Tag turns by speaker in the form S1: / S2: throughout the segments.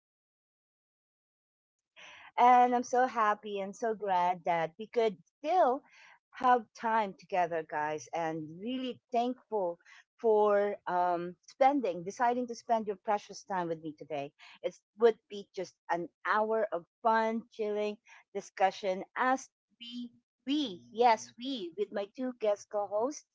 S1: podcast. Yes. And I'm so happy and so glad that we could still have time together, guys, and really thankful for spending, deciding to spend your precious time with me today. It would be just an hour of fun, chilling discussion as we, yes, we, with my two guest co hosts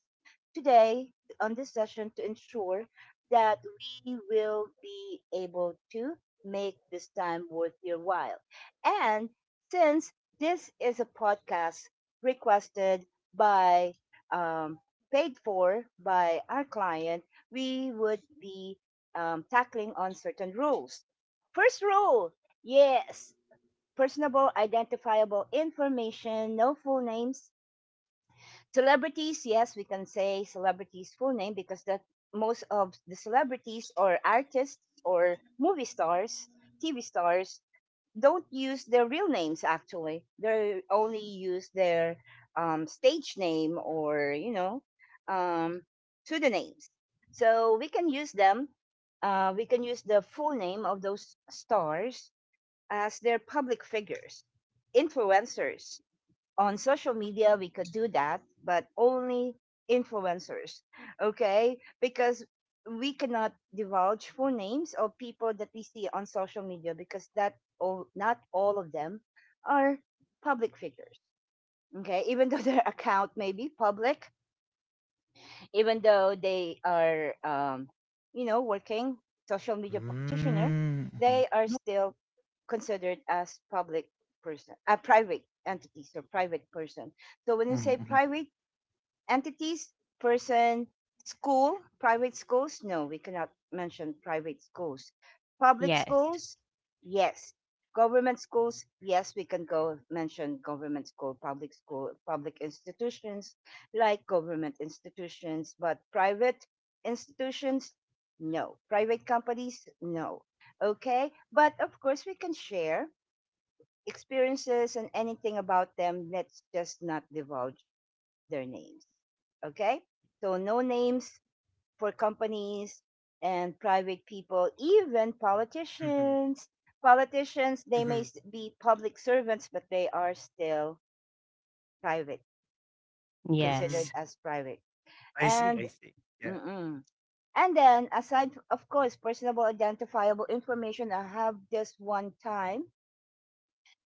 S1: today on this session to ensure that we will be able to make this time worth your while. And since this is a podcast requested by, um, paid for by our client, we would be tackling on certain rules. First rule, yes, personable identifiable information, no full names. Celebrities, yes, we can say celebrities' full name because that most of the celebrities or artists or movie stars, TV stars don't use their real names actually they only use their stage name or you know um, pseudonyms so we can use them we can use the full name of those stars as their public figures influencers on social media we could do that but only influencers okay because we cannot divulge full names of people that we see on social media because not all of them are public figures okay even though their account may be public even though they are, you know, working social media practitioner,
S2: Mm,
S1: they
S2: mhm,
S1: are still considered as public person, a private entities or private person. So when you say
S2: mhm, mhm.
S1: private, entities, person, school, private schools? No, we cannot mention private schools. Public
S3: Yes.
S1: schools? Yes. Government schools? Yes, we can go mention government school, public institutions like government institutions, but private institutions? No. Private companies? No. Okay. But of course, we can share experiences and anything about them. Let's just not divulge their names. Okay? So no names for companies and private people, even politicians. Politicians, they may be public servants, but they are still private,
S2: Mm,
S1: considered
S3: Yes.
S1: as private.
S2: I see, I see.
S1: And
S2: Yeah.
S1: mm-mm. And then, of course, personable identifiable information. I have this one time.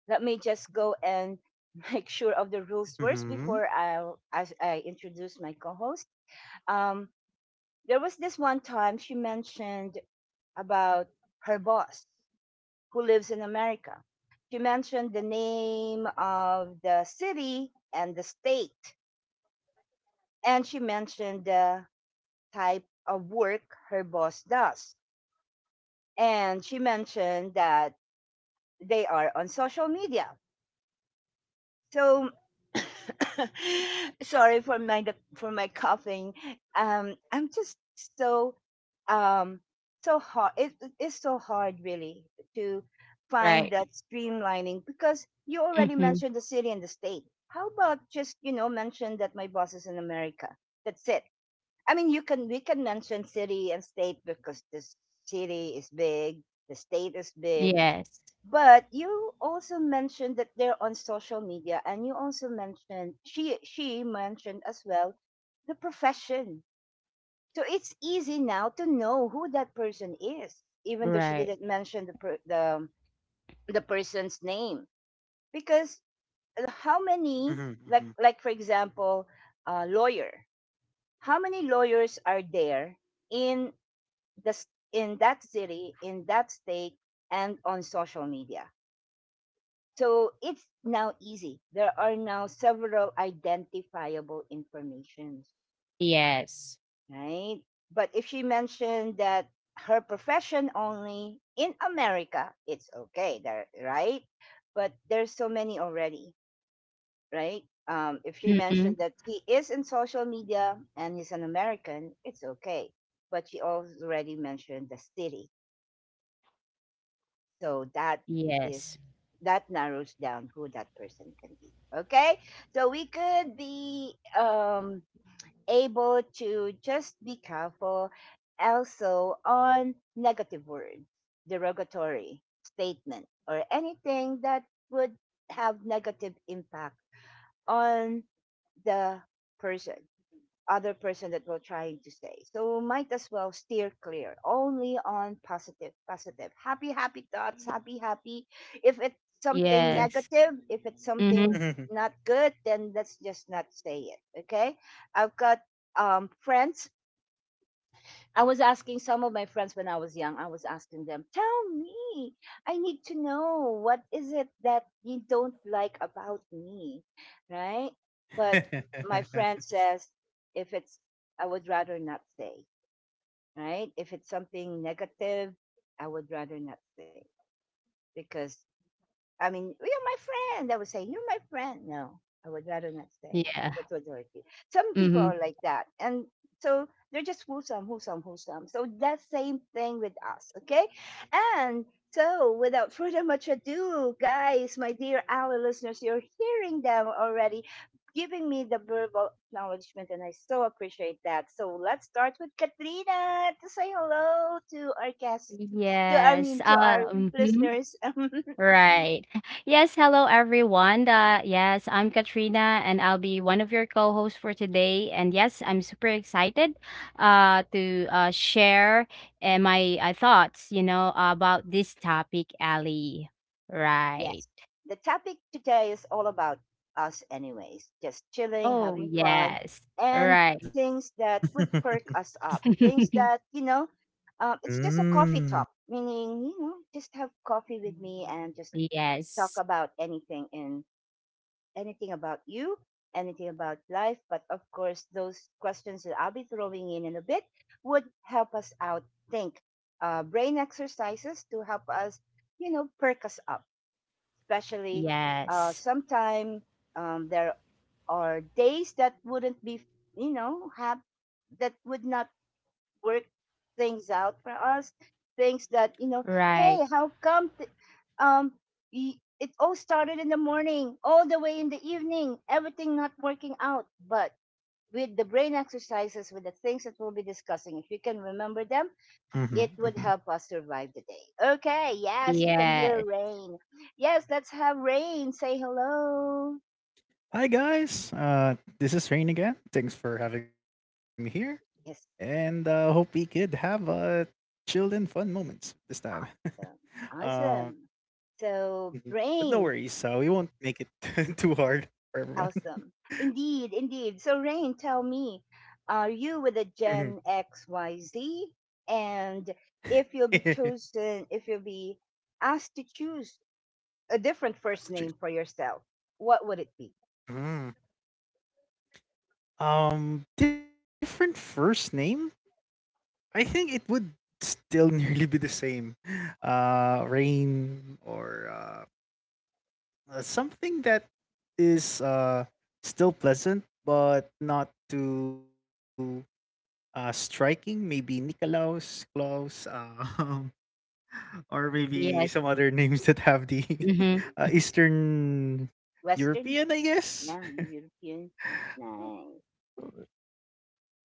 S1: Let me just go and make sure of the rules
S2: Mhm,
S1: first before I introduce my co-host. Um, There was this one time she mentioned about her boss who lives in America. She mentioned the name of the city and the state, and she mentioned the type of work her boss does. And she mentioned that they are on social media. So sorry for my coughing. I'm just so um so hard. It's so hard, really, to find
S3: Right.
S1: that streamlining because you already
S3: Mhm.
S1: mentioned the city and the state. How about just you know mention that my boss is in America? That's it. I mean, you can we can mention city and state because this city is big, the state is big,
S3: Yes.
S1: but you also mentioned that they're on social media, and you also mentioned she mentioned as well the profession. So it's easy now to know who that person is, even though she
S3: Right.
S1: didn't mention the person's name. Because how
S2: mhm,
S1: many
S2: mhm.
S1: like for example, a lawyer? How many lawyers are there in the s- in that city, in that state, and on social media? So it's now easy. There are now several identifiable informations,
S3: Yes.
S1: right? But if she mentioned that her profession only in America, it's okay, there, right? But there's so many already, right? If you mentioned
S3: Mm-mm.
S1: that he is in social media and he's an American, it's okay. But she already mentioned the city. So that is
S3: Yes.
S1: that narrows down who that person can be. Okay? So we could be able to just be careful also on negative words, derogatory statement or anything that would have negative impact on the person other person that we're trying to say. So might as well steer clear only on positive, positive, happy, happy thoughts, happy, happy. If it's
S2: Yeah.
S1: something
S3: Yes.
S1: negative, if it's
S2: Mhm.
S1: something
S3: Mhm.
S1: not good, then let's just not say it. Okay. I've got friends I was asking some of my friends when I was young, I was asking them, tell me, I need to know what is it that you don't like about me, right? But my friend says, if it's, I would rather not say, right? If it's something negative, I would rather not say because I mean, you're my friend. I would say, you're my friend. No, I would rather not say
S3: Yeah.
S1: if it was dirty. Some people
S3: Mhm.
S1: are like that. And so they're just wholesome, wholesome, wholesome. So that same thing with us, okay? And so without further much ado, guys, my dear our listeners, you're hearing them already giving me the verbal acknowledgement and I so appreciate that. So let's start with Katrina to say hello to our guests to I
S3: Yes.
S1: mean to our
S3: Mhm.
S1: listeners.
S3: Right. Yes, hello everyone. Yes, I'm Katrina and I'll be one of your co-hosts for today. And yes, I'm super excited to share my thoughts, you know, about this topic, Ali.
S1: Yes.
S3: Right.
S1: The topic today is all about us, anyways. Just chilling,
S3: Oh,
S1: having fun,
S3: yes.
S1: and
S3: Right.
S1: things that would perk us up. Things that, you know, it's just a
S2: Mm.
S1: coffee talk, meaning, you know, just have coffee with me and just talk
S3: Yes.
S1: about anything and anything about you, anything about life. But of course, those questions that I'll be throwing in a bit would help us out think. Brain exercises to help us, you know, perk us up especially
S3: Yes.
S1: sometime there are days that wouldn't be you know have that would not work things out for us things that you know
S3: Right.
S1: hey how come th- um y- it all started in the morning all the way in the evening everything not working out but with the brain exercises with the things that we'll be discussing if you can remember them
S2: Mhm,
S1: it
S2: mhm.
S1: would help us survive the day. Okay, yes, you can
S3: Yes.
S1: hear rain. Yes, let's have rain. Say hello.
S2: Hi guys, this is Rain again. Thanks for having me here, and
S1: Yes,
S2: hope we could have chilled and fun moments this time.
S1: awesome.
S2: uh,
S1: Awesome.
S2: mhm.
S1: So,
S2: But no
S1: rain,
S2: worries, we won't make it too hard for everyone.
S1: awesome. Indeed, indeed. So, rain, tell me, are you with a
S2: Mhm.
S1: Gen XYZ? And if
S2: That's
S1: you'll be chosen, if you'll be asked to choose a different
S2: the
S1: first
S2: truth.
S1: name for yourself, what would it be?
S2: Mm. Different first name? I think it would still nearly be the same. Rain or something that is still pleasant but not too striking. Maybe Nikolaus, Klaus, or
S3: Yes.
S2: maybe some other names that have the
S3: hmm
S2: Eastern
S1: Western?
S2: European,
S1: Yeah,
S2: I guess.
S1: European. Nice.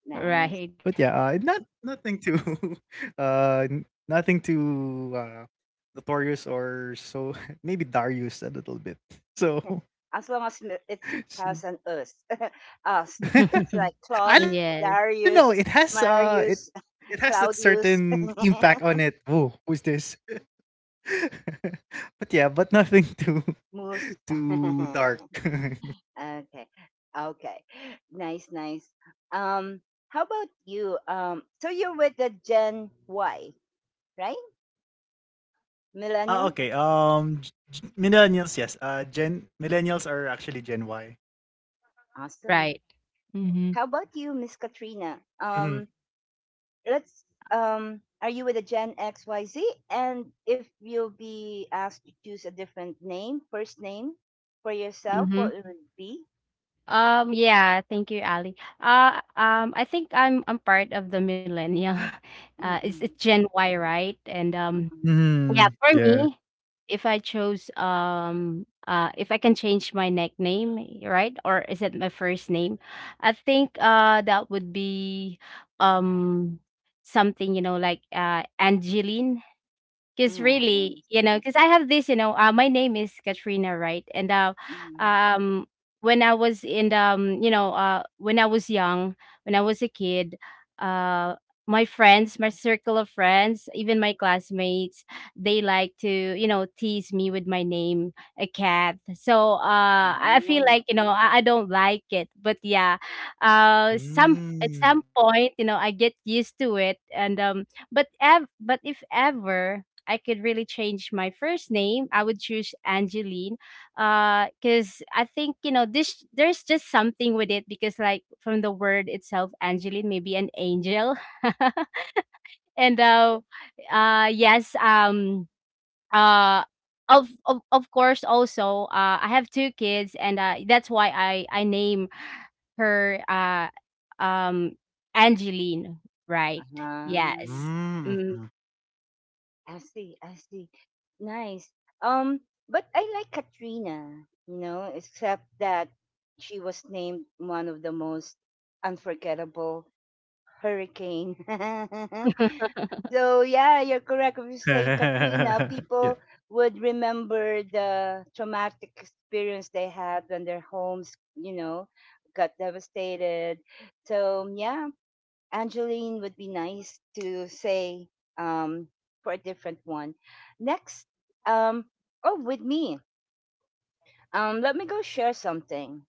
S1: Nice.
S3: Right.
S2: But yeah, not nothing too, uh, n- nothing too notorious or so. Maybe Darius a little bit.
S1: As long
S2: So,
S1: as it has an us.
S2: she-
S1: us. It's like Claus,
S3: Yes.
S2: I don't know.
S1: Darius,
S2: It has uh, it
S1: Marius,
S2: it has that
S1: Claudius,
S2: certain impact on it. Oh, who's this? But yeah, but nothing too
S1: Moose.
S2: too dark.
S1: okay. Okay. Nice, nice. Um, how about you? So you're with the Gen Y, right?
S2: Ah,
S1: Millennial?
S2: okay. Millennials, yes. Gen millennials are actually Gen Y.
S1: Awesome.
S3: Right. Mm-hmm.
S1: How about you, Miss
S2: Mm-hmm.
S1: Katrina? Let's are you with a gen xyz and if you'll be asked to choose a different name first name for yourself what
S3: Mm-hmm.
S1: it would be.
S3: Yeah, thank you, Ali. I think I'm part of the millennial. It's
S1: Mm-mm.
S3: Gen Y, right? And
S1: Mm-mm.
S2: Mm-hmm.
S3: Yeah, for
S2: Yeah.
S3: me, if I chose if I can change my nickname, right? Or is it my first name? I think that would be um something, you know, like Angeline, because
S1: Nice.
S3: really, you know, because I have this, you know, my name is Katrina, right? And
S1: Mm.
S3: um, when I was in the, you know, when I was young, when I was a kid, uh, my friends, my circle of friends, even my classmates, they like to, you know, tease me with my name, a cat. So I feel
S1: Mm,
S3: like, you know, I don't like it. But some at
S2: Mm.
S3: some point, you know, I get used to it. And But if ever I could really change my first name, I would choose Angeline. Because I think you know this. There's just something with it, because like from the word itself, Angeline, maybe an angel. and yes, uh, of course also, I have two kids, and that's why I name her um Angeline, right?
S1: uh-huh.
S3: Yes.
S2: Mm,
S3: Mm,
S2: mhm.
S1: I see, I see. Nice. um but I like Katrina you know except that she was named one of the most unforgettable hurricane. So yeah, you're correct. If you say Katrina,
S2: Yeah.
S1: people would remember the traumatic experience they had when their homes, you know, got devastated. So yeah, Angeline would be nice to say um, for a different one. Next, um, oh, with me, let me go share something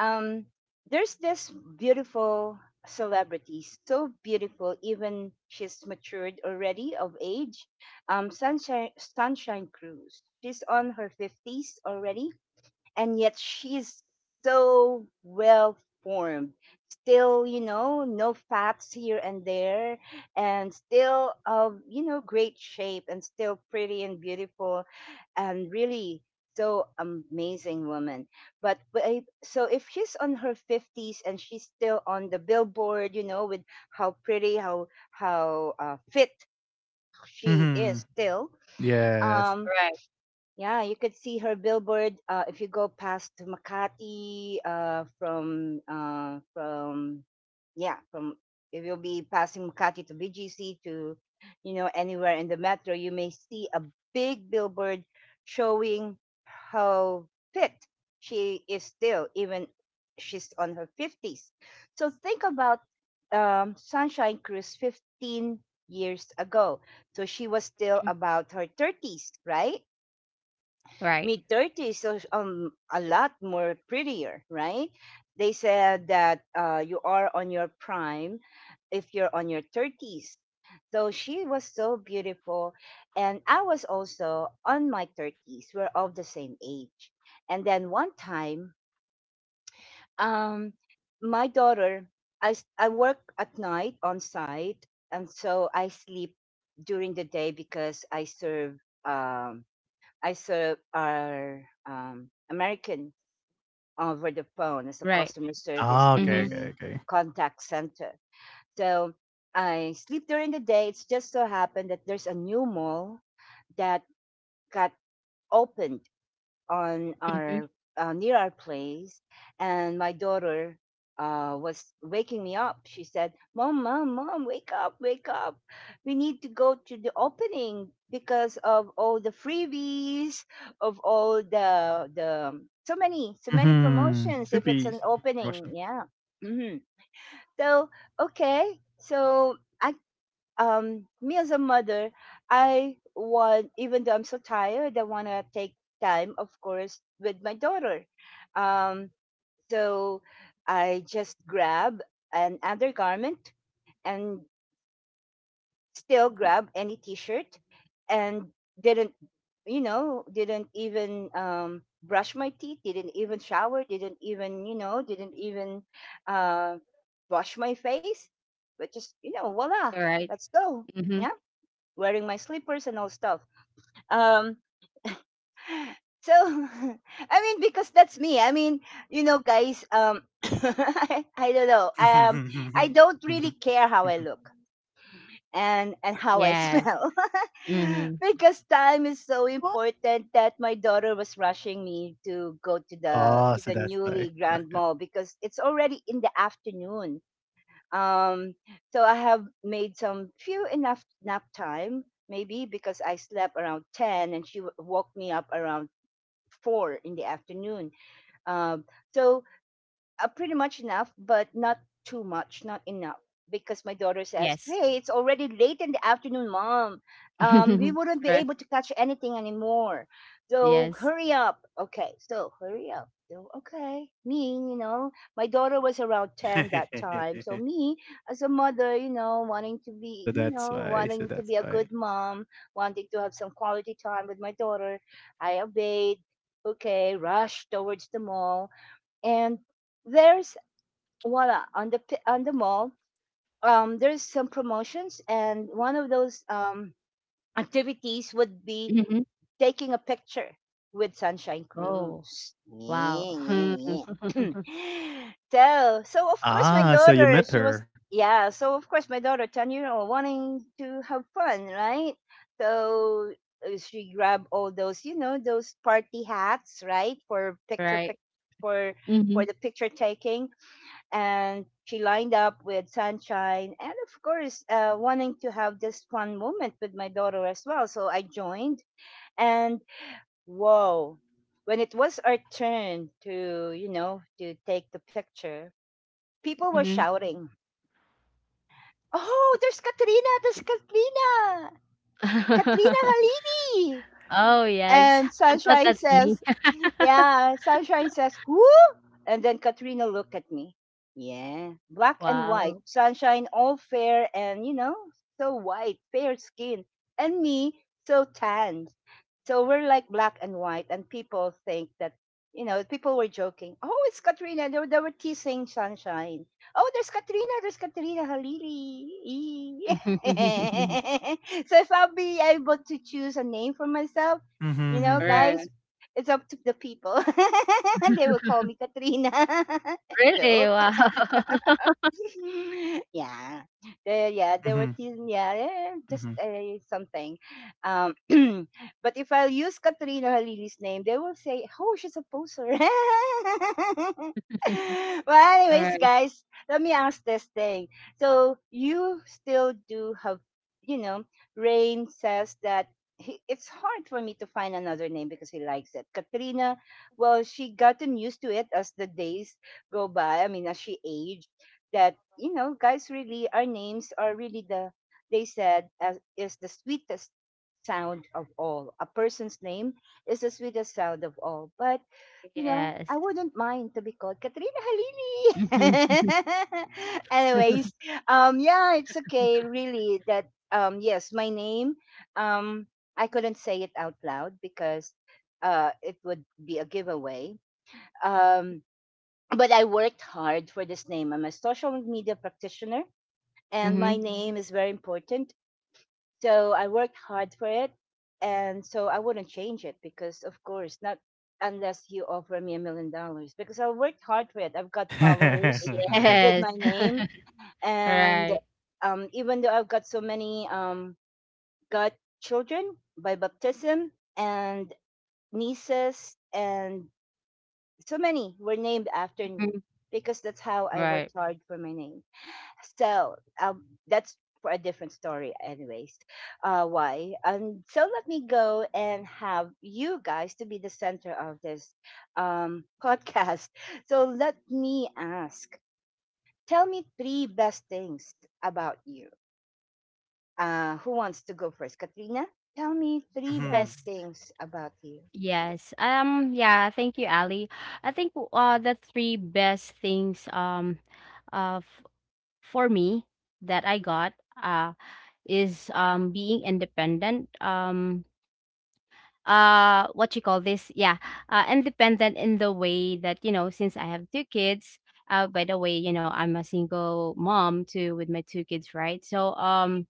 S1: um, there's this beautiful celebrity, so beautiful, even she's matured already of age. Um, Sunshine Cruz. She's on her fifties already, and yet she's so well formed still you know no fats here and there and still of you know great shape and still pretty and beautiful and really so amazing woman but wait, so if she's on her 50s and she's still on the billboard you know with how pretty how fit she is
S2: Mhm.
S1: still
S2: Yes.
S1: um
S3: right.
S1: yeah, you could see her billboard if you go past Makati from yeah from if you'll be passing Makati to BGC to you know anywhere in the metro, you may see a big billboard showing how fit she is still, even she's on her fifties. So think about Sunshine Cruz 15 years ago. So she was still
S3: Mm-hmm.
S1: about her thirties, right?
S3: Right.
S1: Mid 30s is a lot more prettier right they said that you are on your prime if you're on your 30s so she was so beautiful and I was also on my 30s we're of the same age and then one time um my daughter I work at night on site and so I sleep during the day because I serve I serve our American over the phone as a
S3: Right.
S1: customer service
S2: Ah,
S1: on
S2: okay,
S3: Mm-hmm.
S2: okay,
S1: a
S2: okay.
S1: contact center. So I sleep during the day. It's just so happened that there's a new mall that got opened on
S3: Mhm.
S1: our near our place, and my daughter was waking me up. She said, "Mom, mom, mom, wake up, wake up! We need to go to the opening because of all the freebies, of all the so many so many
S2: Mhm.
S1: promotions. If it's
S2: Trippy
S1: an opening,
S2: Russian.
S1: yeah." hmm So, okay, so I, me as a mother, I want, even though I'm so tired, I want to take time, of course, with my daughter. um so I just grab an undergarment, and still grab any t-shirt, and didn't, didn't even brush my teeth, didn't even shower, didn't even, didn't even, uh wash my face, but just, voila,
S3: Alright.
S1: let's go,
S3: Mhm.
S1: yeah? Wearing my slippers and all stuff. Um, so I mean, because that's me. I mean, you know, guys. I don't know. I don't really care how I look, and how I
S3: Yes.
S1: smell.
S3: Mhm.
S1: Because time is so
S2: What?
S1: important that my daughter was rushing me to go to the
S2: Oh,
S1: to
S2: so
S1: the
S2: that's why.
S1: newly grand
S2: Okay.
S1: mall because it's already in the afternoon. Um, so I have made some few enough nap time, maybe because I slept around 10, and woke me up around 4 in the afternoon. Um, so, pretty much enough, but not too much, not enough. Because my daughter says,
S3: Yes.
S1: "Hey, it's already late in the afternoon, mom. We wouldn't be
S3: Right.
S1: able to catch anything anymore. So
S3: Yes.
S1: hurry up." Okay, so hurry up. So, okay, me, you know, my daughter was around 10 that time. So me, as a mother, you know,
S2: So that's why. So
S1: wanting to
S2: that's
S1: be a
S2: why.
S1: good mom, wanting to have some quality time with my daughter, I obeyed. Okay, rushed towards the mall, and there's voila on on the mall. There's some promotions, and one of those activities would be
S3: Mhm.
S1: taking a picture with Sunshine
S3: Oh,
S1: Cruise.
S3: wow.
S1: Yeah,
S3: Hmm.
S1: yeah, yeah. so so of course my
S2: Ah, so you
S1: daughter
S2: met
S1: she was
S2: her.
S1: Yeah, so of course, my daughter, 10-year old, wanting to have fun, right? So she grabbed all those, you know, those party hats, right, for picture pic-
S3: Right.
S1: for for
S3: Mhm.
S1: the picture taking. And she lined up with Sunshine, and of course, wanting to have this fun moment with my daughter as well, so I joined. And whoa, when it was our turn to, you know, to take the picture, people were
S3: Mhm.
S1: shouting, "Oh, there's Katrina, there's Katrina, Katrina Halili!"
S3: Oh, yes.
S1: And
S3: I thought
S1: Sunshine
S3: that's me.
S1: says, Yeah, Sunshine says, "Who?" And then Katrina looked at me. Yeah, black and white.
S3: Wow.
S1: Sunshine, all fair and, you know, so white, fair skin. And me, so tan. So we're like black and white, and people think that, you know, people were joking. Oh, it's Katrina. They were teasing Sunshine. Oh, there's Katrina. There's Katrina Halili. So if I'll be able to choose a name for myself, you know,
S2: Mhm,
S3: Right.
S1: guys, it's up to the people. They will call me Katrina.
S3: Really?
S1: Joke.
S3: Wow.
S1: Yeah. The, yeah,
S2: mhm,
S1: the
S2: mhm,
S1: routine, yeah, eh, just
S2: mhm.
S1: something. Um, but if I use Katrina Halili's name, they will say, "Oh, she's a poser." Well, anyways,
S3: Right.
S1: guys, let me ask this thing. So you still do have, you know, Rain says that it's hard for me to find another name because he likes it. Katrina, well, she gotten used to it as the days go by. I mean, as she aged, that, you know, guys, really, our names are really they said as is the sweetest sound of all, a person's name is the sweetest sound of all. But you know,
S3: Yes.
S1: I wouldn't mind to be called Katrina
S3: Mhm.
S1: Halili. Anyways, yeah, it's okay really that, yes, my name, um I couldn't say it out loud because it would be a giveaway. um but I worked hard for this name. I'm a social media practitioner, and my
S3: Mhm.
S1: name is very important. So I worked hard for it, and so I wouldn't change it because, of course, not unless you offer me $1 million. Because I worked hard for it. I've got followers with
S3: Yes.
S1: my name, and
S3: Right.
S1: even though I've got so many, got children by baptism, and nieces, and so many were named after me,
S3: Mhm.
S1: because that's how I
S3: Right.
S1: worked hard for my name. So that's for a different story, anyways. Why? And so let me go and have you guys to be the center of this, podcast. So let me ask. Tell me three best things about you. Who wants to go first? Katrina, tell me three best
S3: Yes.
S2: Mhm.
S1: things about you.
S3: Yes. Yeah, thank you, Ali. I think the three best things uh f- for me that I got uh is being independent. What you call this? Yeah. Independent in the way that, you know, since I have two kids, by the way, you know, I'm a single mom too with my two kids, right? So um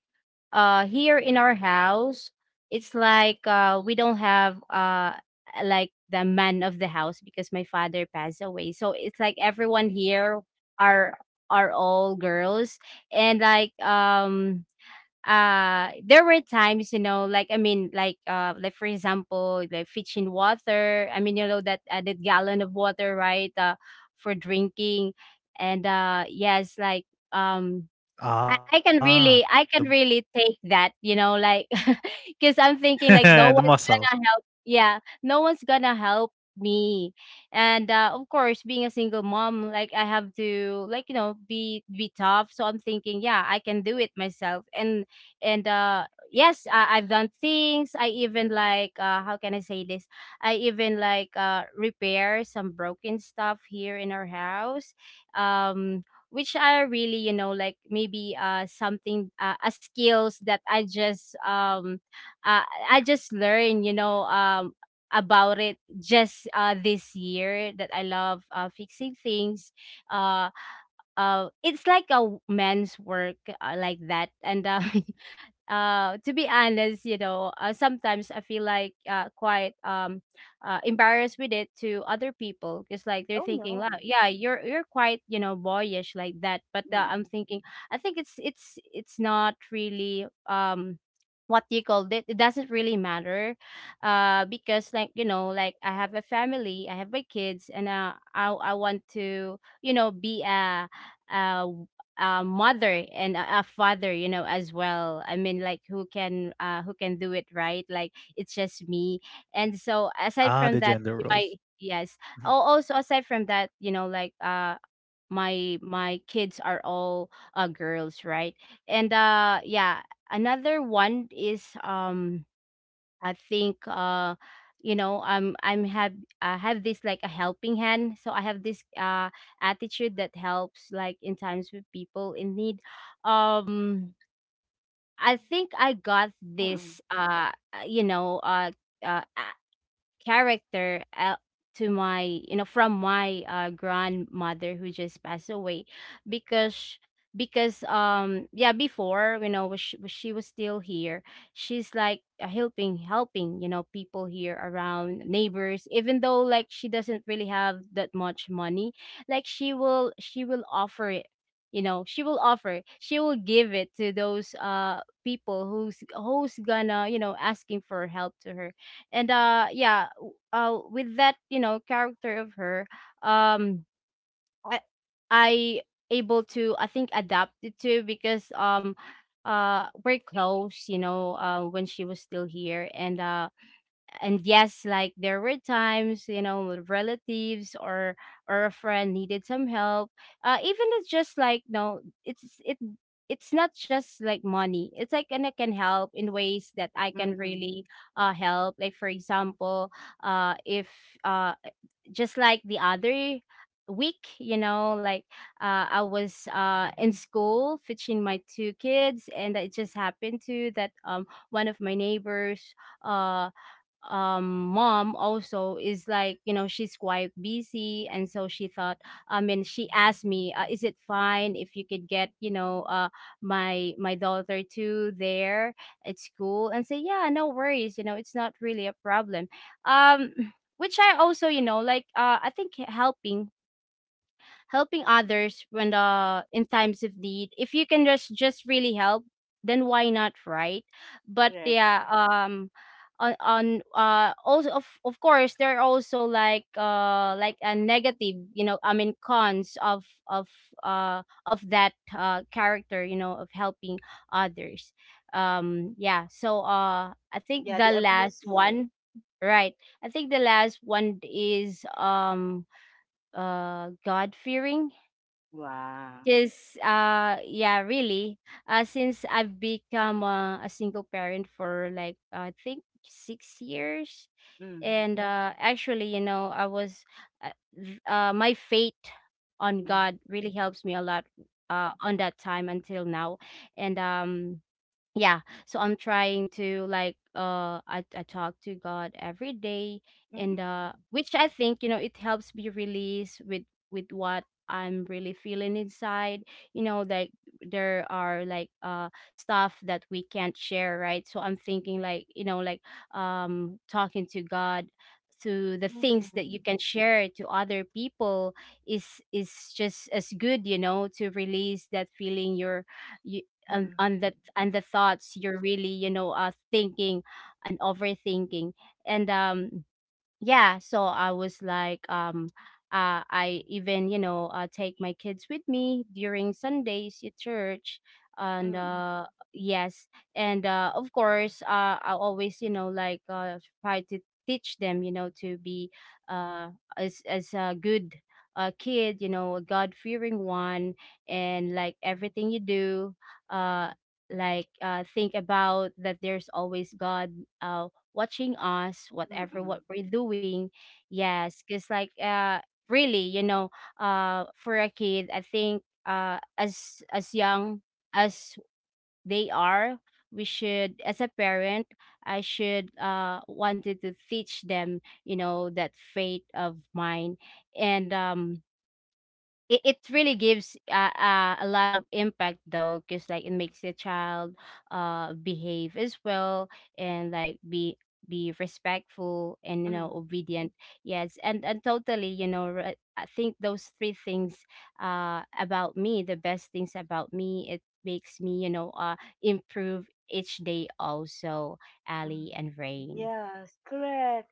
S3: uh here in our house, it's like we don't have like the man of the house, because my father passed away, so it's like everyone here are are all girls. And like There were times, you know, like I mean, like for example, like fetching water. I mean, you know, that that gallon of water, right, for drinking. And yes, like um
S2: Ah, the
S3: I can really take that, you know, like because I'm thinking like
S2: the
S3: no one's
S2: muscle.
S3: gonna help. Yeah, no one's gonna help me, and of course, being a single mom, like I have to like, you know, be tough. So I'm thinking, yeah, I can do it myself, and yes, I've done things. I even like how can I say this? I even like repair some broken stuff here in our house. Um, which are really, you know, like maybe something, a skills that I just uh, I just learned, you know, about it just this year, that I love fixing things. uh it's like a man's work, like that, and to be honest, you know, sometimes I feel like, quite embarrassed with it to other people, because like they're
S1: Oh
S3: thinking,
S1: no.
S3: wow, yeah, you're quite, you know, boyish like that. But I'm
S1: Mm-mm.
S3: thinking, I think it's not really what you called it, it doesn't really matter, because like, you know, like I have a family, I have my kids, and I want to, you know, be uh a mother and a father, you know, as well. I mean, like, who can do it, right? Like, it's just me, and so aside
S2: Ah, the
S3: from that,
S2: gender
S3: my
S2: roles.
S3: yes.
S2: Mhm.
S3: Oh, also aside from that, you know, like my my kids are all girls, right? And yeah, another one is I think you know, I have this like a helping hand. So I have this attitude that helps like in times with people in need. um I think I got
S1: Mm-mm.
S3: this you know, uh character, to my, you know, from my grandmother who just passed away, because yeah, before, you know, when she was still here, she's like helping, helping, you know, people here around neighbors, even though like she doesn't really have that much money. Like she will, she will offer it, you know, she will offer, she will give it to those people who's who's gonna, you know, asking for help to her. And yeah, with that, you know, character of her, um i, I able to I think adapt it to, because we're close, you know, when she was still here. And yes, like there were times, you know, with relatives or a friend needed some help, even it's just like, no, it's it it's not just like money, it's like, and I can help in ways that I can
S1: Mm-mm.
S3: really help. Like for example, if uh just like the other week, you know, like I was in school fetching my two kids, and it just happened to that one of my neighbors, uh mom also is, like, you know, she's quite busy, and so she thought, I mean, she asked me, is it fine if you could get, you know, my my daughter too there at school, and say, yeah, no worries, you know, it's not really a problem. um which I also, you know, like I think helping, helping others when the in times of need, if you can just really help, then why not, right? but
S1: Correct.
S3: yeah on Also, of course, there are also like a negative, you know, I mean, cons of that character, you know, of helping others. Yeah, so I think
S1: Yeah, they
S3: the
S1: abuse
S3: last
S1: you.
S3: one, right, I think the last one is god fearing
S1: Wow.
S3: Yes, yeah, really. Since I've become a single parent for like I think 6 years,
S1: Mm,
S3: and actually, you know, I was my faith on
S1: mm,
S3: God really helps me a lot on that time until now. And yeah, so I'm trying to like I talk to god every day, and
S1: mm-mm,
S3: uh which I think, you know, it helps me release with what I'm really feeling inside, you know, like there are like stuff that we can't share, right? So I'm thinking like, you know, like talking to god to the things
S1: mm-mm,
S3: that you can share to other people is just as good, you know, to release that feeling you're you
S1: mm-mm,
S3: on the and the thoughts you're really, you know, thinking and overthinking. And yeah, so I was like I even, you know, take my kids with me during sundays at church. and
S1: mm-mm,
S3: uh yes, and of course, I always, you know, like try to teach them, you know, to be uh as a good kid, you know, a god-fearing one, and like everything you do, uh like think about that, there's always god, uh, watching us, whatever
S1: mm-mm,
S3: what we're doing. Yes, because like really, you know, for a kid, I think as young as they are, we should, as a parent, I should wanted to teach them, you know, that faith of mine. And it, it really gives a lot of impact though, because like it makes the child behave as well, and like be respectful and, you know,
S1: mm-mm.
S3: obedient. Yes, and totally, you know, I think those three things about me, the best things about me, it makes me, you know, improve each day also, Ali and Rain.
S1: Yes, correct.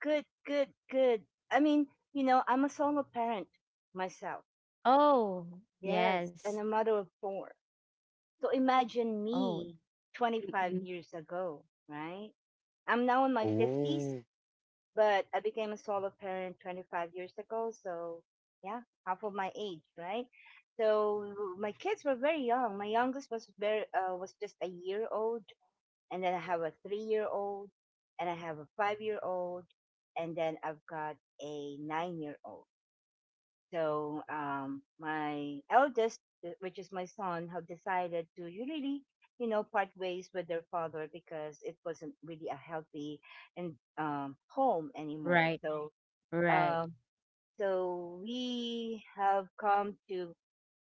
S1: Good, good, good. I mean, you know, I'm a solo parent myself.
S3: Oh
S1: Yes,
S3: yes.
S1: and a mother of four. So imagine
S3: Oh
S1: me
S3: mm-mm.
S1: 25 years ago, right? I'm now in my 50s.
S2: Oh.
S1: But I became a solo parent 25 years ago, so yeah, half of my age, right? So my kids were very young. My youngest was very was just a year old, and then I have a 3 year old, and I have a 5 year old, and then I've got a 9 year old. So my eldest, which is my son, have decided to really, you know, part ways with their father because it wasn't really a healthy and home anymore.
S3: Right.
S1: So
S3: Right.
S1: um, so we have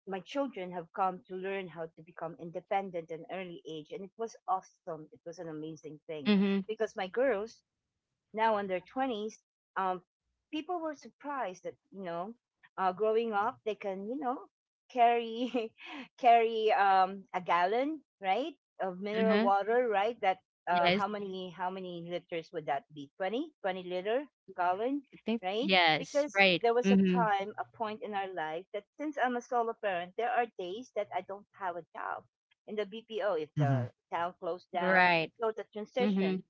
S1: my children have come to learn how to become independent at an early age. And it was awesome. It was an amazing thing
S3: Mm-hmm.
S1: because my girls, now in their 20s, um, people were surprised that, you know, growing up, they can, you know, carry carry a gallon, right, of mineral
S3: Mm-hmm.
S1: water, right? That
S3: Yes.
S1: how many liters would that be? Twenty liter gallon,
S3: I think
S1: right?
S3: yes,
S1: Because
S3: right.
S1: there was a
S3: Mhm.
S1: time, a point in our life that since I'm a solo parent, there are days that I don't have a job in the BPO if
S2: Mhm.
S1: the town closed down.
S3: Right.
S1: So the transition,
S3: Mhm.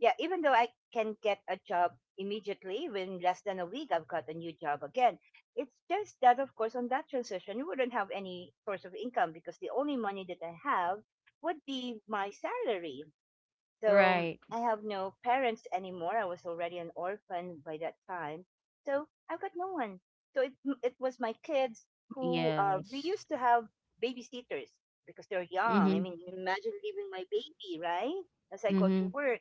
S1: yeah, even though I can get a job immediately, within less than a week, I've got a new job again. It's just that, of course, on that transition, you wouldn't have any source of income because the only money that I have would be my salary. So
S3: Right.
S1: I have no parents anymore. I was already an orphan by that time. So I've got no one. So it was my kids who we
S3: Yes.
S1: used to have babysitters because they're young. I
S3: Mhm.
S1: mean, imagine leaving my baby, right? As I go to
S3: Mhm.
S1: work,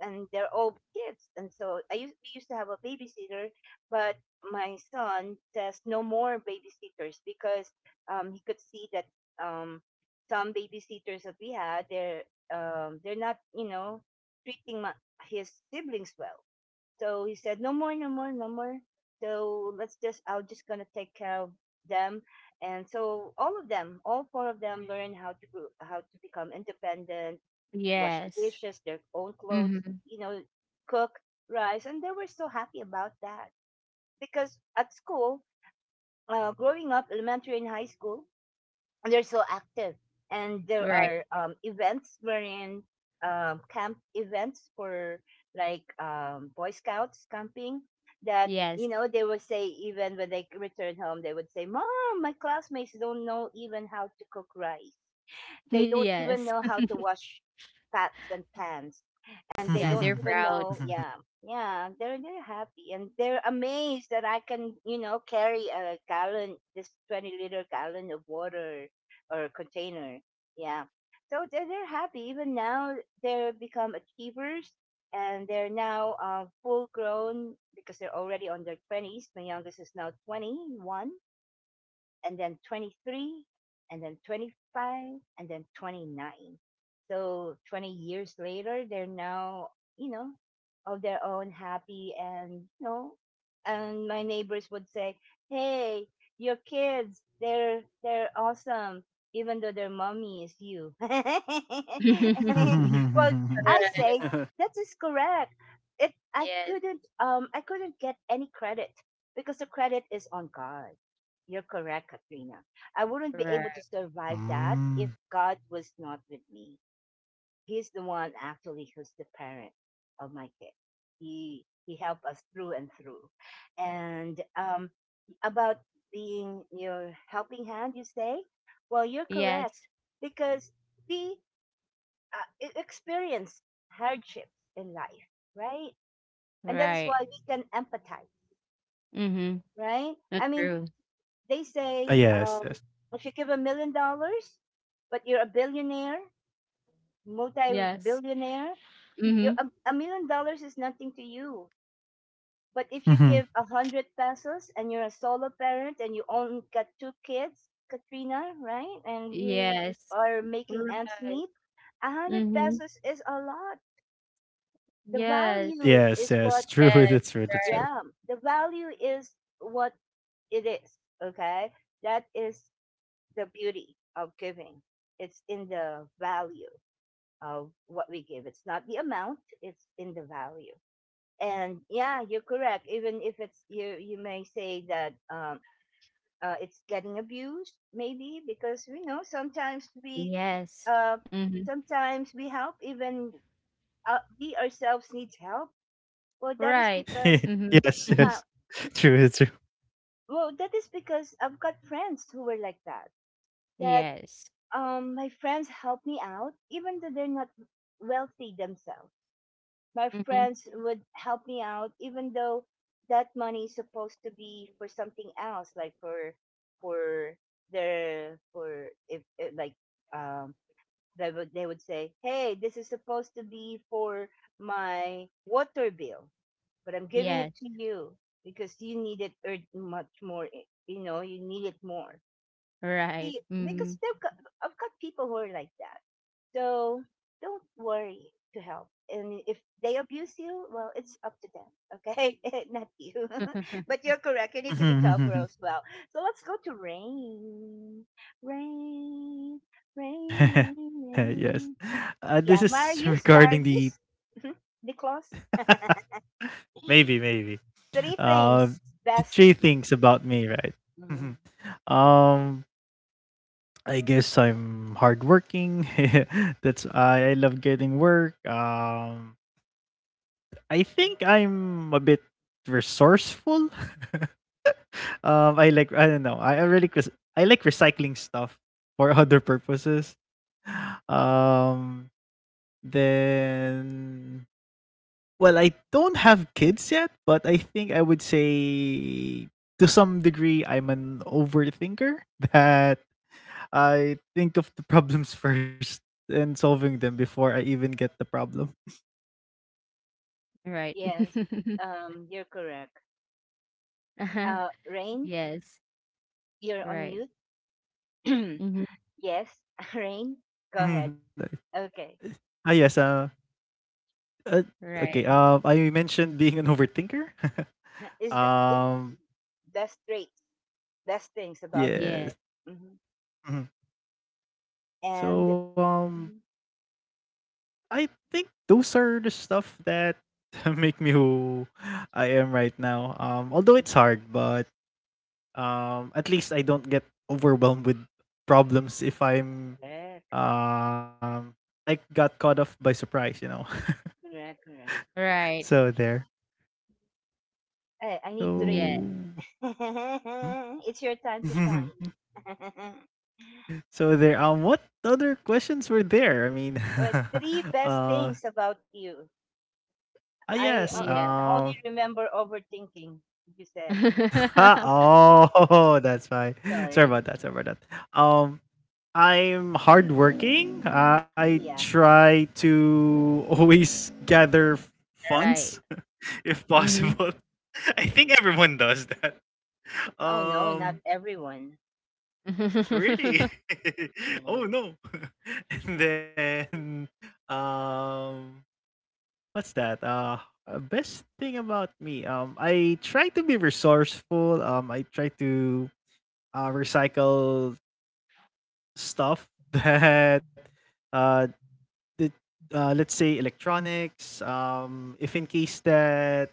S1: and they're all kids. And so I used we used to have a babysitter, but my son says no more babysitters because he could see that um, some babysitters that we had, they're not, you know, treating his siblings well. So he said no more, no more, no more. So let's just I'm just gonna take care of them. And so all of them, all four of them, learn how to become independent, wash the
S3: Yes.
S1: dishes, their own clothes,
S3: Mhm.
S1: you know, cook rice, and they were so happy about that because at school, growing up, elementary and high school, they're so active, and there
S3: Right.
S1: are events wherein camp events for, like, Boy Scouts camping, that, you
S3: Yes.
S1: know, they would say, even when they return home, they would say, "Mom, my classmates don't know even how to cook rice, they don't even
S3: Yes.
S1: know how to wash pots and pans." And they
S3: Yeah,
S1: don't
S3: they're
S1: even
S3: proud.
S1: know, yeah, yeah, they're happy, and they're amazed that I can, you know, carry a gallon, this 20 liter gallon of water or container. Yeah, so they're happy. Even now, they're become achievers, and they're now, full grown because they're already on their twenties. My youngest is now 21, and then 23, and then 25, and then 29. So 20 years later, they're now, you know, of their own happy, and, you know, and my neighbors would say, "Hey, your kids, they're awesome. Even though their mommy is you." Well,
S3: Correct.
S1: I say that is correct. It,
S3: Yes.
S1: I couldn't get any credit because the credit is on God. You're correct, Katrina. I wouldn't be
S3: Right.
S1: able to survive that
S2: Mm.
S1: if God was not with me. He's the one actually who's the parent of my kid. He helped us through and through. And about being your helping hand, you say? Well, you're correct
S3: Yes.
S1: because we experience hardships in life, right? And that is why
S3: Right.
S1: we can empathize,
S3: Mhm.
S1: right?
S3: That's
S1: I mean,
S3: true.
S1: they
S2: Ah,
S1: say,
S2: yes, yes.
S1: if you give $1 million, but you're a billionaire,
S3: Yes.
S1: multi-billionaire, you,
S3: Mhm.
S1: a million dollars is nothing to you. But if you
S2: Mhm.
S1: give 100 pesos and you're a solo parent and you only got two kids, Katrina, right? And you
S3: Yes.
S1: are making ends
S3: Right.
S1: meet, a hundred
S3: Mhm.
S1: pesos is a lot. The
S3: Yes.
S1: value
S2: Yes,
S1: is
S2: yes.
S1: what,
S2: True,
S3: Yes.
S2: that's true, that's
S3: Right.
S2: true.
S1: yeah, the value is what it is. Okay, that is the beauty of giving. It's in the value of what we give. It's not the amount, it's in the value. And yeah, you're correct. Even if it's you, you may say that it's getting abused, maybe because we know
S3: Yes.
S1: uh,
S3: Mhm.
S1: sometimes we help. Even we ourselves needs help. Well, that is
S3: Right.
S1: because
S3: Mhm.
S2: Yes,
S1: yeah.
S2: yes. True, that's true.
S1: Well, that is because I've got friends who were like that. That
S3: Yes.
S1: um, my friends help me out, even though they're not wealthy themselves. My
S3: Mhm.
S1: friends would help me out, even though that money is supposed to be for something else, like for for if like um they would say, hey, this is supposed to be for my water bill, but I'm giving
S3: Yes.
S1: it to you because you need it much more. You know, you need it more.
S3: Right.
S1: See, because
S3: Mm.
S1: they've got, I've got people who are like that, so don't worry to help. And if they abuse you, well, it's up to them, okay? Not you. But you're correct. You need to be careful as well.
S2: Mhm.
S1: So let's go to Rain. Rain, rain, rain,
S2: Yes.
S1: rain.
S2: This
S1: Yeah,
S2: is
S1: Marius,
S2: regarding the.
S1: Darius, Nicholas.
S2: Maybe, maybe.
S1: Three
S2: Uh,
S1: things
S2: the
S1: best.
S2: three things about me, right? Mhm.
S1: Mhm.
S2: um, I guess I'm hardworking. That's, I love getting work. I think I'm a bit resourceful. I like, I don't know. I really I like recycling stuff for other purposes. Um, then, well, I don't have kids yet, but I think I would say to some degree I'm an overthinker that I think of the problems first and solving them before I even get the problem.
S3: Right.
S1: Yes, you're correct.
S3: Uh-huh.
S1: Rain,
S3: Yes.
S1: you're on
S3: Right.
S1: mute.
S3: Mhm.
S1: Yes, rain, go
S2: Mhm,
S1: ahead.
S2: like,
S1: Okay.
S2: ah, yes, uh, okay,
S3: Right.
S2: I mentioned being an overthinker.
S1: Is the yeah,
S2: Um,
S1: best traits, best things about you.
S3: Yeah.
S2: yes.
S1: Hmm.
S2: Mhm.
S1: And
S2: So,
S1: mhm,
S2: I think those are the stuff that make me who I am right now.
S1: mm,
S2: Although it's
S1: mm,
S2: hard, but at least I don't get overwhelmed with problems if I'm
S1: correct,
S2: um I got caught off by surprise.
S1: correct, correct.
S3: Right.
S2: So there,
S1: Hey, I
S2: so.
S1: need
S3: Yeah.
S1: three. It's your time to
S2: Hmm.
S1: shine.
S2: So there, what other questions were there, I mean.
S1: What three best
S2: Ah
S1: things about you. I
S2: yes,
S3: Yeah.
S1: can only remember overthinking. You said
S2: oh. That's fine. sorry
S1: sorry.
S2: about that sorry about that um I'm hardworking.
S1: Ah,
S2: I
S1: yeah.
S2: try to always gather
S3: Right.
S2: funds if
S3: Mhm.
S2: possible. I think everyone does that.
S1: Oh no, not
S2: Um,
S1: everyone.
S2: really? Oh
S1: Mm.
S2: no. And then, um, what's that? Best thing about me. I try to be resourceful. I try to recycle stuff that uh, the, let's say electronics. If in case that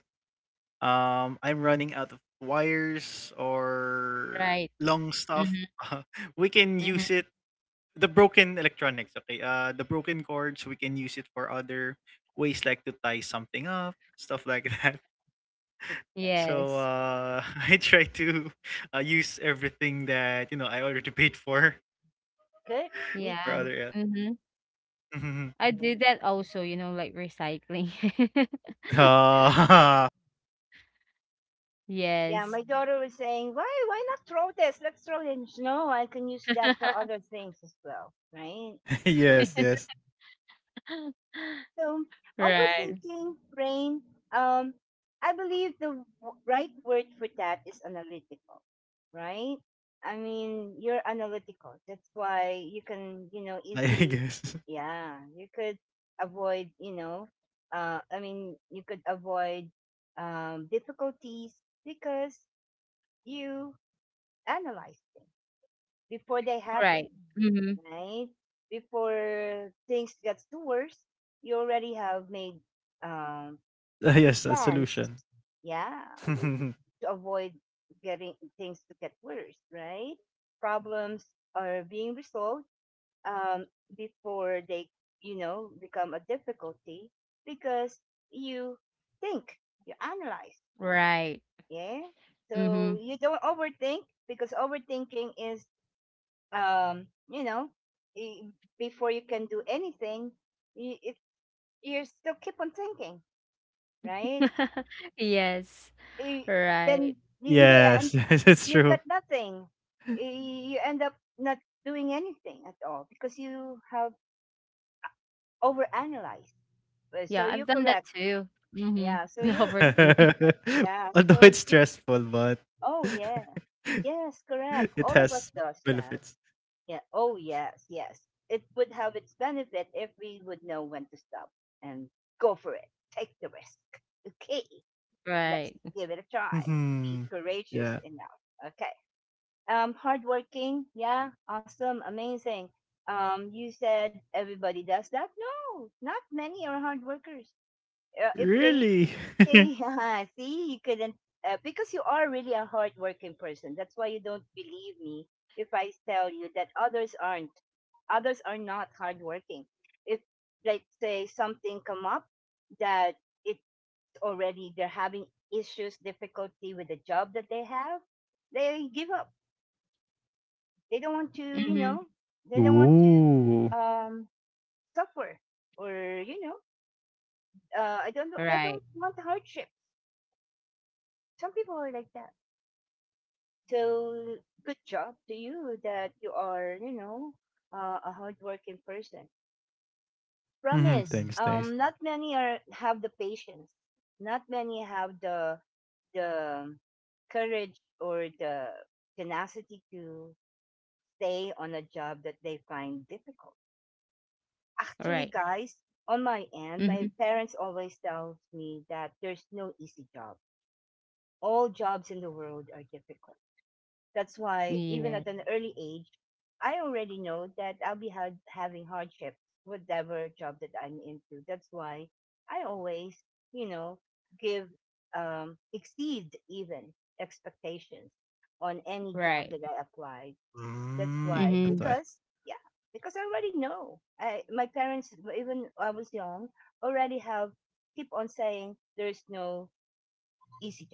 S2: I'm running out of wires or
S3: Right.
S2: long stuff.
S3: Mhm.
S2: We can
S3: Mhm.
S2: use it, the broken electronics, okay? The broken cords, we can use it for other ways, like to tie something up, stuff like that.
S1: Good job.
S2: So
S3: Yes.
S2: I try to use everything that, I already paid for
S1: Good. Me
S2: for
S3: Yeah.
S1: too.
S2: other
S3: Mhm.
S2: else.
S3: I
S1: Yeah.
S3: do that also, you know, like recycling.
S2: Ah,
S1: Yeah,
S3: Yes.
S1: my daughter was saying, why not throw this? Let's throw it." And she, no, I can use that for other things as well, right?
S2: yes,
S1: Yes.
S2: yes.
S1: So
S3: Right.
S1: overthinking, brain. Um, I believe the right word for that is analytical, right? I mean, you're analytical. That's why you can, you know,
S2: I
S1: easily,
S2: guess.
S1: yeah, you could avoid, you know, I mean, you could avoid difficulties because you analyze them before they happen,
S3: Right. Mhm.
S1: right? Before things gets to worse, you already have made um, the
S2: Yes, a
S1: plans,
S2: solution.
S1: yeah, to avoid getting things to get worse, right? Problems are being resolved um, before they, you know, become a difficulty because you think, you analyze,
S3: Right.
S1: yeah. So
S3: Mm-hmm.
S1: you don't overthink because overthinking is you know, i- before you can do anything, you, it, you still keep on thinking, right?
S3: Yes,
S1: I- Then
S3: right.
S1: in the end,
S2: Yes, yes, it's
S1: you've
S2: true.
S1: got nothing. You end up not doing anything at all because you have overanalyzed. So
S3: Yeah,
S1: you're
S3: I've done that
S1: correct.
S3: too.
S1: Yeah. So
S3: Mm-hmm.
S1: you, you
S3: Overthinking.
S1: yeah.
S2: Although
S1: So,
S2: it's stressful, but
S1: oh, yeah. Yes, correct.
S2: it
S1: All of us
S2: has
S1: does that.
S2: benefits.
S1: Yeah. Oh, yes, yes. It would have its benefit if we would know when to stop and go for it. Take the risk. Okay, let's
S3: Right.
S1: give it a try. Be
S2: Mhm.
S1: courageous
S2: Yeah.
S1: enough. Okay. Hardworking. Yeah. Awesome. Amazing. You said everybody does that. No, not many are hard workers. If they
S2: Really?
S1: yeah, see, you couldn't, because you are really a hardworking person. That's why you don't believe me if I tell you that others aren't. Others are not hardworking. If, like, say something come up that it's already they're having issues, difficulty with the job that they have, they give up. They don't want to, you
S3: Mm-hmm.
S1: know, they don't want
S2: Ooh.
S1: to um suffer or you know, I don't know, they don't
S3: Right.
S1: want hardship. Some people are like that. So good job to you that you are, you know, a hardworking person.
S2: Hmm. Thanks,
S1: Promise,
S2: thanks.
S1: not many are have the patience. Not many have the courage or the tenacity to stay on a job that they find difficult. Actually,
S3: Right.
S1: guys, on my end,
S3: Mm-hmm.
S1: my parents always tells me that there's no easy job. All jobs in the world are difficult. That's why, even at
S3: Yes.
S1: an early age, I already know that I'll be having hardships, whatever job that I'm into. That's why I always, you know, give, exceed even expectations on any job
S3: Right.
S1: that I applied. That's
S2: Mm.
S1: why,
S3: Mm-hmm.
S2: That's why.
S1: because, yeah, because I already know. I, my parents, even I was young, already have keep on saying there's no easy,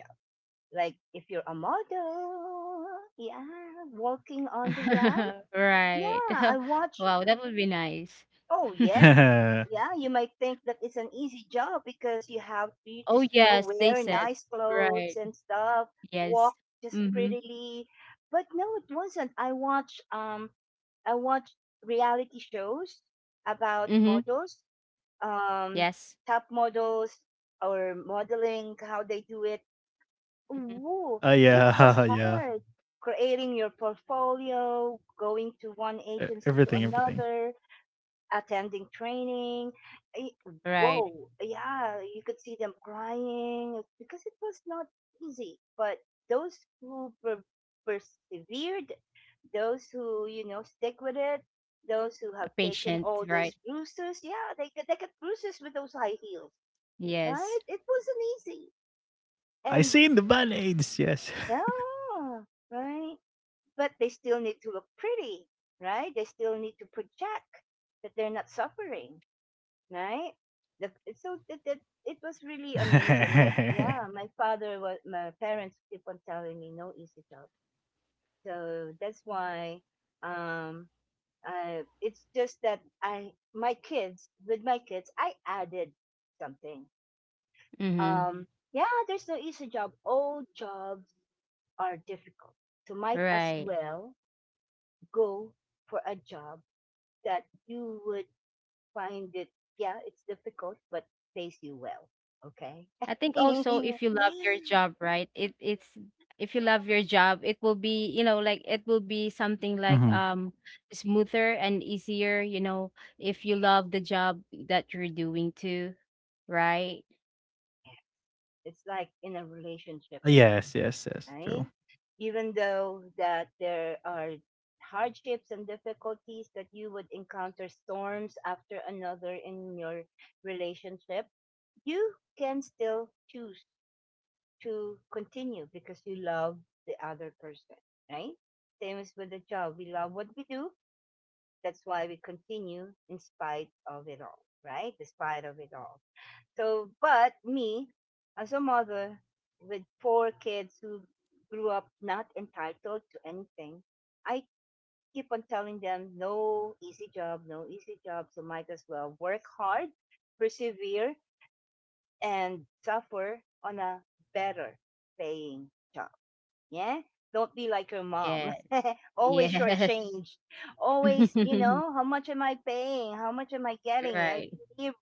S1: like if you're a model, yeah, walking on the ramp,
S3: Right.
S1: yeah, I watch.
S3: Wow, that would be nice.
S1: Oh yes, yeah, you might think that it's an easy job because you have you
S3: Oh
S1: just you know
S3: yes, they
S1: wear
S3: said.
S1: nice clothes
S3: Right.
S1: and stuff, walk
S3: Yes.
S1: just
S3: Mm-hmm.
S1: prettily, but no, it wasn't. I watch reality shows about
S3: Mm-hmm.
S1: models, um,
S3: Yes.
S1: top models or modeling, how they do it.
S3: Mm-hmm.
S1: Ooh,
S2: Oh
S1: it was
S2: yeah, yeah.
S1: hard creating your portfolio, going to one
S2: E-
S1: agency to
S2: Everything, everything.
S1: another, attending training. I-
S3: Right.
S1: Whoa, yeah, you could see them crying because it was not easy. But those who persevered, those who, you know, stick with it, those who
S3: A
S1: have taken
S3: patient,
S1: all
S3: right?
S1: those bruises, yeah, they, they get bruises with those high heels,
S3: Yes.
S1: right? It wasn't easy.
S2: I
S1: And
S2: seen the band-aids, yes.
S1: yeah. Right? But they still need to look pretty, right? They still need to project that they're not suffering, right? The, so that, that it was really amazing that
S2: Hmm.
S1: yeah, my father was my parents keep on telling me no easy job, so that's why um it's just that I my kids with my kids I added something,
S3: Mm-hmm.
S1: um yeah, there's no easy job, all jobs are difficult, so might as
S3: Right.
S1: well go for a job that you would find it, yeah, it's difficult, but pays you well. Okay?
S3: I think also if you love your job, right? It's if you love your job, it will be, you know, like it will be something like smoother and easier, you know, if you love the job that you're doing too, right?
S1: It's like in a relationship as well,
S2: Yes, yes, yes.
S1: right?
S2: True.
S1: Even though that there are hardships and difficulties that you would encounter storms after another in your relationship, you can still choose to continue because you love the other person, right? Same as with the job. We love what we do. That's why we continue in spite of it all, right? Despite of it all. So, but me, as a mother with four kids who grew up not entitled to anything, I keep on telling them, no easy job, no easy job. So might as well work hard, persevere, and suffer on a better paying job. Yeah. Don't be like your
S3: Yeah.
S1: mom. Always
S3: Yes.
S1: shortchanged. Always, you know, how much am I paying? How much am I getting? I
S3: Right.
S1: live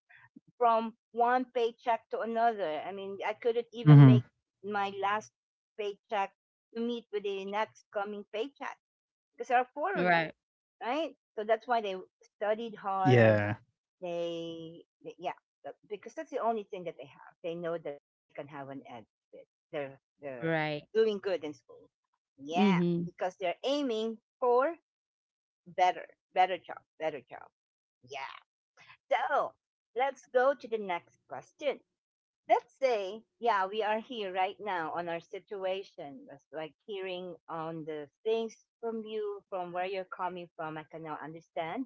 S1: from one paycheck to another. I mean, I couldn't even make
S2: Hmm.
S1: my last paycheck to meet with the next coming paycheck because there are four of you,
S3: Right.
S1: right? So that's why they studied hard.
S2: Yeah.
S1: They, yeah, because that's the only thing that they have. They know that they can have an edge with. They're
S3: Right.
S1: doing good in school. Yeah,
S3: Mhm.
S1: because they're aiming for better, better job, better job. Yeah. So let's go to the next question. Let's say, yeah, we are here right now on our situation. That's like hearing on the things from you, from where you're coming from. I can now understand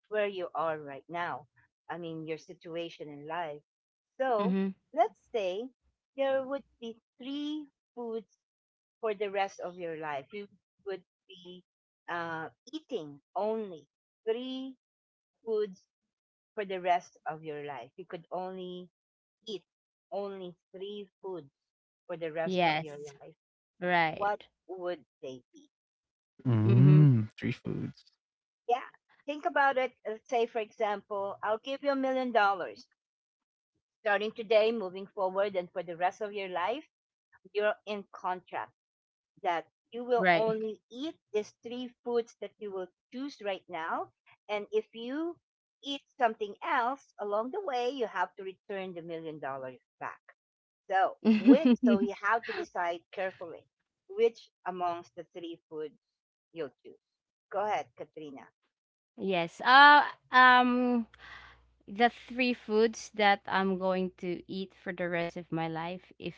S1: where you are right now. I mean, your situation in life. So
S3: Mhm.
S1: let's say there would be three foods for the rest of your life. You would be eating only three foods for the rest of your life. You could only eat only three foods for the rest of your
S3: Yes.
S1: life. What
S3: Right.
S1: would they be?
S3: Mhm.
S2: Mm, three foods.
S1: Yeah, think about it. Say, for example, I'll give you $1 million. Starting today, moving forward, and for the rest of your life, you're in contract that you will
S3: Right.
S1: only eat these three foods that you will choose right now. And if you eat something else along the way, you have to return the $1 million back. So, which, so you have to decide carefully which amongst the three foods you'll choose. Go ahead, Katrina.
S3: Yes. Um the three foods that I'm going to eat for the rest of my life, if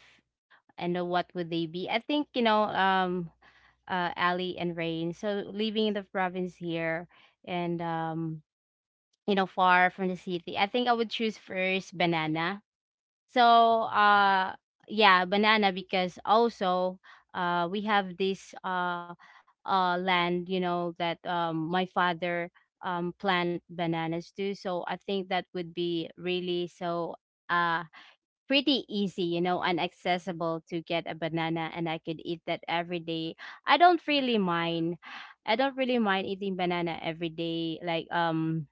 S3: and what would they be? I think you know, Ali and Rain. So living in the province here, and you know, far from the city, I think I would choose first banana so yeah, banana because also we have this land, you know, that my father plant bananas too. So I think that would be really so uh, pretty easy, you know, and accessible to get a banana, and I could eat that every day. I don't really mind. I don't really mind eating banana every day, like um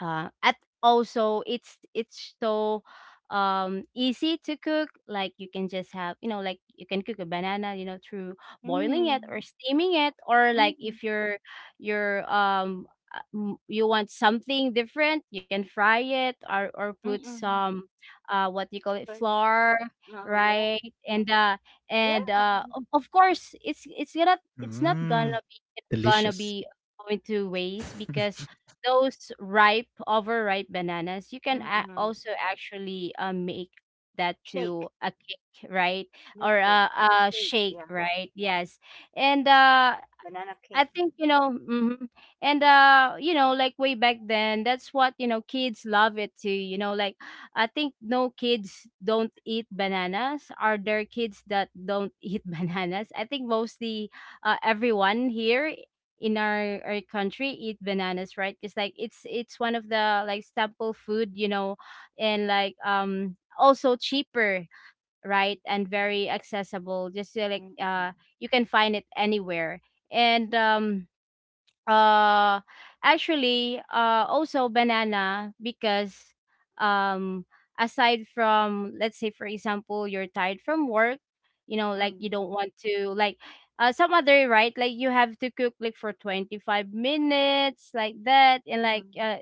S3: uh, at also it's so easy to cook, like you can just have, you know, like you can cook a banana, you know, through boiling it
S1: Mm,
S3: or steaming it, or like
S1: mm,
S3: if you're you're um you want something different, you can fry it or
S1: mm,
S3: put
S1: mm,
S3: some what you call it
S1: sugar.
S3: flour,
S1: Oh, yeah.
S3: right?
S1: All
S3: and
S1: right.
S3: uh and
S1: Yeah.
S3: uh of course it's gonna, it's not gonna
S2: Mm.
S3: gonna
S2: Delicious.
S3: be going to waste because those ripe, overripe bananas, you can
S1: Mm-mm.
S3: also actually make that to
S1: Shake,
S3: a cake, right? Or
S1: milkshake, or
S3: a
S1: cake,
S3: shake,
S1: yeah,
S3: right? Yes. And
S1: banana
S3: I
S1: cake.
S3: think, you know, mhm. And you know, like way back then, that's what, you know, kids love it too. You know, like I think no kids don't eat bananas. Are there kids that don't eat bananas? I think mostly, everyone here in our country eat bananas, right? Because like it's one of the like staple food, you know, and like also cheaper, right, and very accessible, just
S1: Mm-mm,
S3: you can find it anywhere. And uh actually also banana because um aside from, let's say for example, you're tired from work, you know, like you don't
S1: mm,
S3: want to like some other, right, like you have to cook like for 25 minutes like that. And like
S1: mm.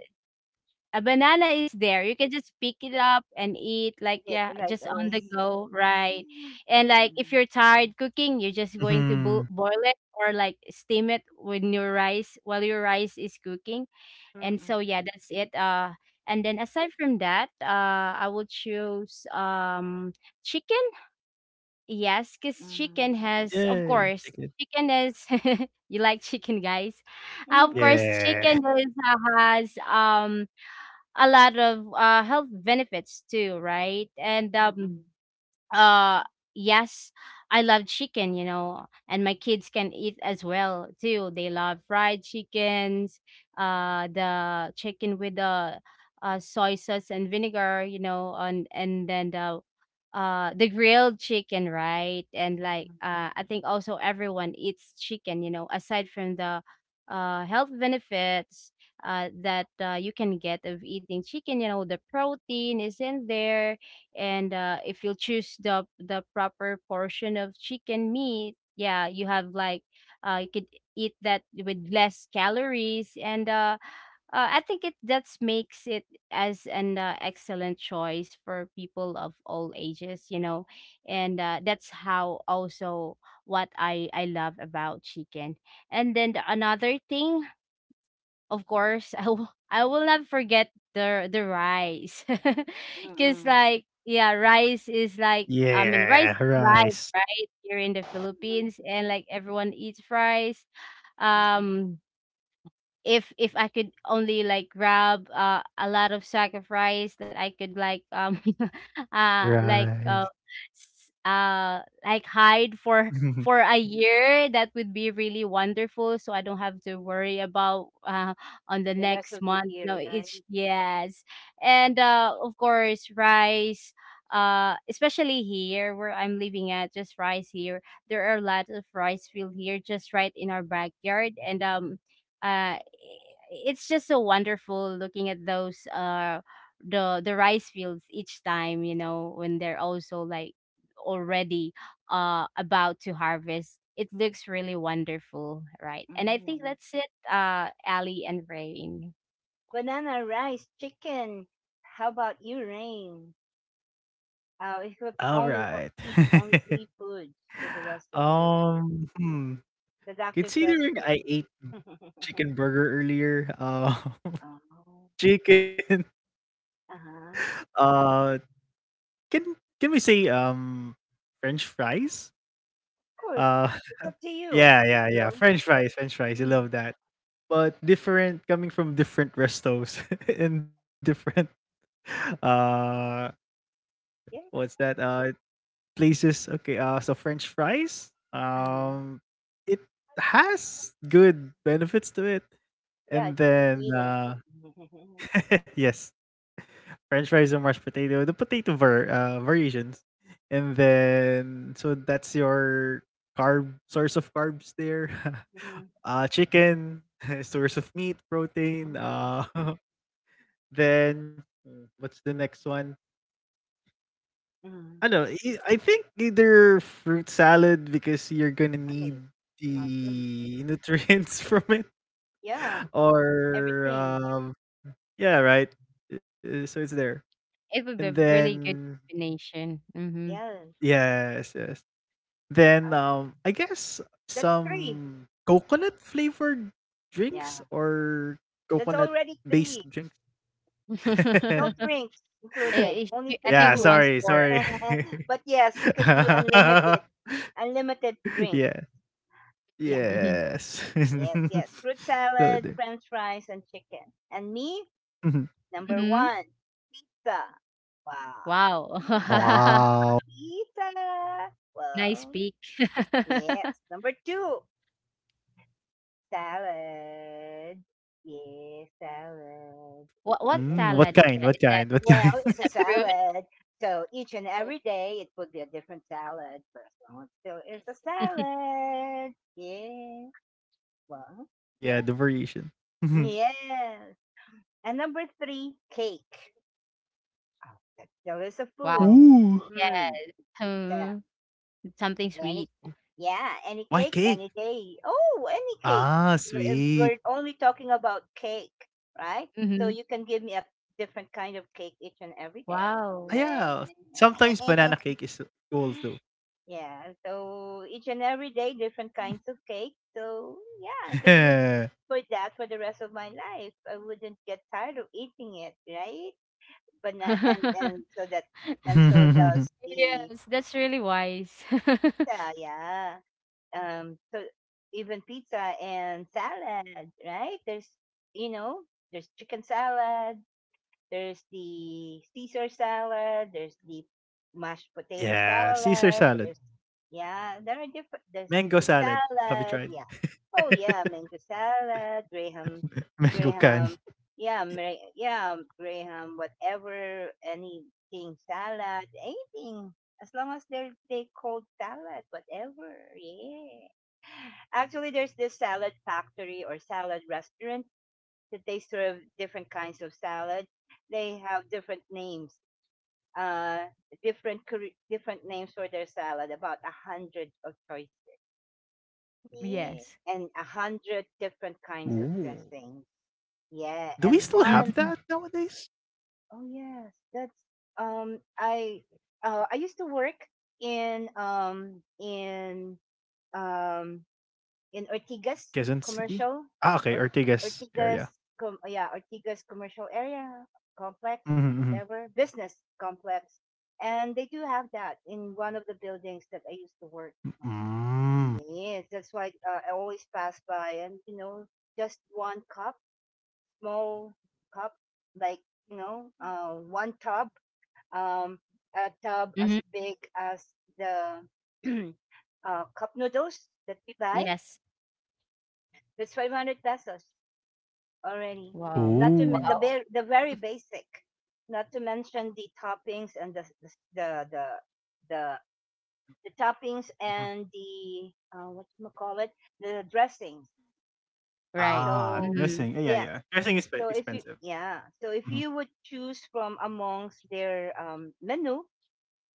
S3: a banana is there. You can just pick it up and eat, like,
S1: Eat
S3: yeah,
S1: it right
S3: just on
S1: away.
S3: the go, right? And
S1: Yeah.
S3: like if you're tired cooking, you're just going to
S2: Mhm.
S3: boil it or like steam it with your rice while your rice is cooking. And
S1: Mm-mm,
S3: so yeah, that's it. And then aside from that, I will choose chicken. Yes, because
S1: mm,
S3: chicken has, of
S2: Yay,
S3: course,
S2: chicken.
S3: chicken is you like chicken guys.
S1: mm-mm,
S3: Of
S1: mm-mm,
S3: course
S2: Yeah.
S3: chicken is has a lot of health benefits too, right? And
S1: mm-hmm,
S3: uh yes, I love chicken, you know, and my kids can eat as well too, they love fried chickens, the chicken with the soy sauce and vinegar, you know, and then the grilled chicken, right? And like I think also everyone eats chicken, you know, aside from the health benefits that you can get of eating chicken, you know, the protein is in there. And if you choose the proper portion of chicken meat, yeah, you have like you could eat that with less calories. And I think it that makes it as an excellent choice for people of all ages, you know. And that's how also what I love about chicken. And then the, another thing, of course, I will not forget the rice,
S1: mm-mm,
S3: because
S1: mm-mm,
S3: like, yeah, rice is like, I mean, rice
S2: Yeah,
S3: is life,
S2: rice,
S3: right? Here in the Philippines,
S1: mm-mm,
S3: and like everyone eats rice.
S1: mm.
S3: Um, if I could only like grab a lot of sack of rice that I could like uh like uh
S2: rice.
S3: like hide for a year, that would be really wonderful, so I don't have to worry about on the
S1: The rest
S3: next
S1: of the
S3: month.
S1: year,
S3: No,
S1: right?
S3: it's yes. And of course rice, especially here where I'm living at, just rice here, there are a lot of rice field here just right in our backyard. And uh it's just so wonderful looking at those the rice fields, each time, you know, when they're also like already about to harvest, it looks really wonderful, right?
S1: Mm
S3: And I think
S1: hmm.
S3: that's it, Ali and Rain.
S1: Banana, rice, chicken. How about you, Rain? If you could only
S2: Alright.
S1: eat only three foods for the rest of your life,
S2: Um, hmm,
S1: the doctor says
S2: considering I ate
S1: so.
S2: chicken burger earlier,
S1: Oh.
S2: chicken,
S1: Uh-huh.
S2: uh, can we say, french fries?
S1: Of course.
S2: Uh,
S1: It's up to you,
S2: yeah, yeah, yeah,
S1: bro.
S2: french fries, I
S1: Mm.
S2: love that. But different coming from different restos and different, uh what's
S1: Yeah.
S2: that? Places. Okay. So French fries.
S1: Uh-huh.
S2: It has good benefits to it,
S1: Yeah,
S2: and
S1: it's
S2: then
S1: potato. Mm-hmm.
S2: yes, French fries and mashed potato, the potato variations, and then so that's your carb, source of carbs there. Chicken source of meat protein.
S1: Mm-hmm.
S2: Then what's the next one?
S1: Mm-hmm.
S2: Ano, I think either fruit salad because you're gonna need
S1: Nice. Awesome.
S2: the nutrients from it,
S1: Yeah.
S2: or
S1: Everything.
S2: um yeah, right? So it's there.
S3: It would
S2: And
S3: be a really good
S2: then
S3: combination, mm-hmm.
S1: Yeah.
S2: yes, yes. Then,
S1: Um,
S2: I guess
S1: that's three.
S2: some coconut flavored drinks
S1: Yeah.
S2: or
S1: That's already three.
S2: coconut-based drinks.
S1: No drinks included. Only
S3: I
S1: three
S3: think
S2: Yeah,
S3: it wants
S1: foods.
S2: sorry,
S3: for
S2: sorry.
S1: But yes, you could do unlimited, unlimited drinks.
S2: Yeah.
S1: Yeah.
S3: mm-hmm.
S2: Yes.
S1: Yes. Yes. Fruit salad,
S2: So there.
S1: French fries, and chicken. And me?
S2: Mhm.
S1: Number
S3: Mm-hmm.
S1: one, pizza. Wow,
S3: Wow.
S1: pizza,
S2: Wow.
S1: pizza.
S3: Nice
S1: Well,
S3: peak.
S1: yes. Number two, salad. Yes, salad.
S3: What
S2: Mm,
S1: Yes.
S2: what
S3: salad is
S2: kind?
S3: thats
S2: What
S3: that?
S2: kind? What
S1: Well,
S2: kind?
S1: it's
S3: It's
S1: a
S3: a fruit?
S1: salad. So each and
S3: Oh.
S1: every day it would be a different salad, first one. Long as still is a salad. Yeah. Well,
S2: Yeah,
S1: yeah.
S2: the variation. Mhm.
S1: Yes. And number three, cake. Oh, that still is a food.
S3: Wow.
S2: Ooh.
S1: Hmm.
S3: Yes. Hmm, it's something
S1: Any,
S3: sweet.
S1: yeah, any
S2: Why
S1: cake,
S2: cake?
S1: any day. Oh, any cake.
S2: Ah, sweet.
S1: We're only talking about cake, right? So
S3: Mhm.
S1: you can give me a different kind of cake each and every day.
S3: Wow.
S2: Ah, yeah. Sometimes
S1: Right.
S2: banana cake is cool too.
S1: Yeah, so each and every day, different kinds of cake. So yeah, I could live for that for the rest of my life. I wouldn't get tired of eating it, right? But and so that and so does the
S3: Yes, that's really wise.
S1: pizza, yeah. um so Even pizza and salad, right? You know, there's chicken salad, there's the Caesar salad, there's the mashed potato
S2: Yeah, Caesar
S1: salad,
S2: salad,
S1: there's yeah, there are different there's
S2: mango
S1: fruit
S2: salad. Have you
S1: salad,
S2: tried?
S1: yeah. Oh yeah, mango salad, Graham
S2: Mango candy.
S1: Graham yeah, yeah, Graham, whatever, anything salad, anything. As long as they called salad, whatever. Yeah. Actually, there's this salad factory or salad restaurant that they serve different kinds of salad. They have different names, uh, different names for their salad. About a hundred of choices, yeah,
S3: Yes.
S1: and a hundred different kinds of
S2: Ooh.
S1: dressings. Yeah,
S2: Do we
S1: and
S2: still
S1: one
S2: have
S3: Mhm.
S2: that nowadays?
S1: oh yes, that's um I I used to work in um in
S2: Quezon City?
S1: commercial,
S2: Ah, okay.
S1: or,
S2: Ortigas
S1: Ortigas,
S2: area.
S1: yeah, Ortigas commercial area complex,
S2: Mhm.
S1: whatever business complex, and they do have that in one of the buildings that I used to work on.
S2: Mm.
S1: Yes, that's why I always pass by, and you know, just one cup, small cup, like you know, one tub, um, a tub as
S3: Mhm.
S1: big as the cup noodles that we buy.
S3: Yes.
S1: That's 500 pesos already.
S3: Wow.
S1: Not to
S2: Ooh.
S1: men- The
S3: Wow.
S1: very, the very basic. Not to mention the toppings and the, the toppings
S2: Mhm.
S1: and the what you call it, the dressings.
S3: Right.
S2: Ah,
S1: So
S3: Mhm.
S2: dressing. Yeah, yeah,
S1: yes.
S2: yeah. Dressing is
S1: So if you
S2: expensive.
S1: yeah. So if
S2: Mhm.
S1: you would choose from amongst their menu,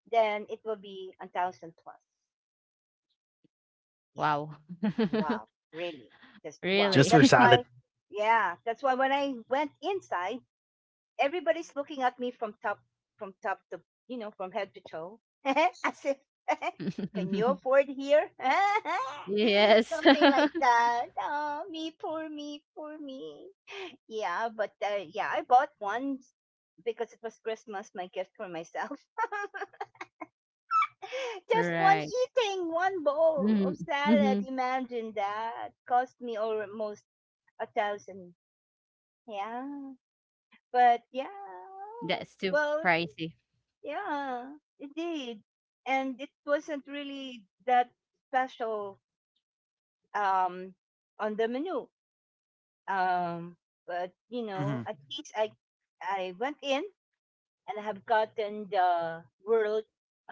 S1: then it will be 1,000 plus. Yeah.
S3: Wow.
S1: Wow. Really. Just wow.
S2: Just
S3: Really.
S2: for
S1: That's
S2: salad.
S1: why. Yeah. That's why when I went inside everybody's looking at me from top to, you know, from head to toe, as if can you afford here?
S3: Yes.
S1: something like that. Oh, me poor, me poor me. Yeah, but yeah, I bought one because it was Christmas, my gift for myself. just one,
S3: Right.
S1: eating one bowl of
S3: Mhm.
S1: salad,
S3: Mhm.
S1: imagine that cost me almost 1,000, yeah. But yeah,
S3: That's too
S1: well,
S3: pricey.
S1: yeah, it did. And it wasn't really that special um on the menu. Um but you know,
S2: Mhm.
S1: at least I went in and I have gotten the world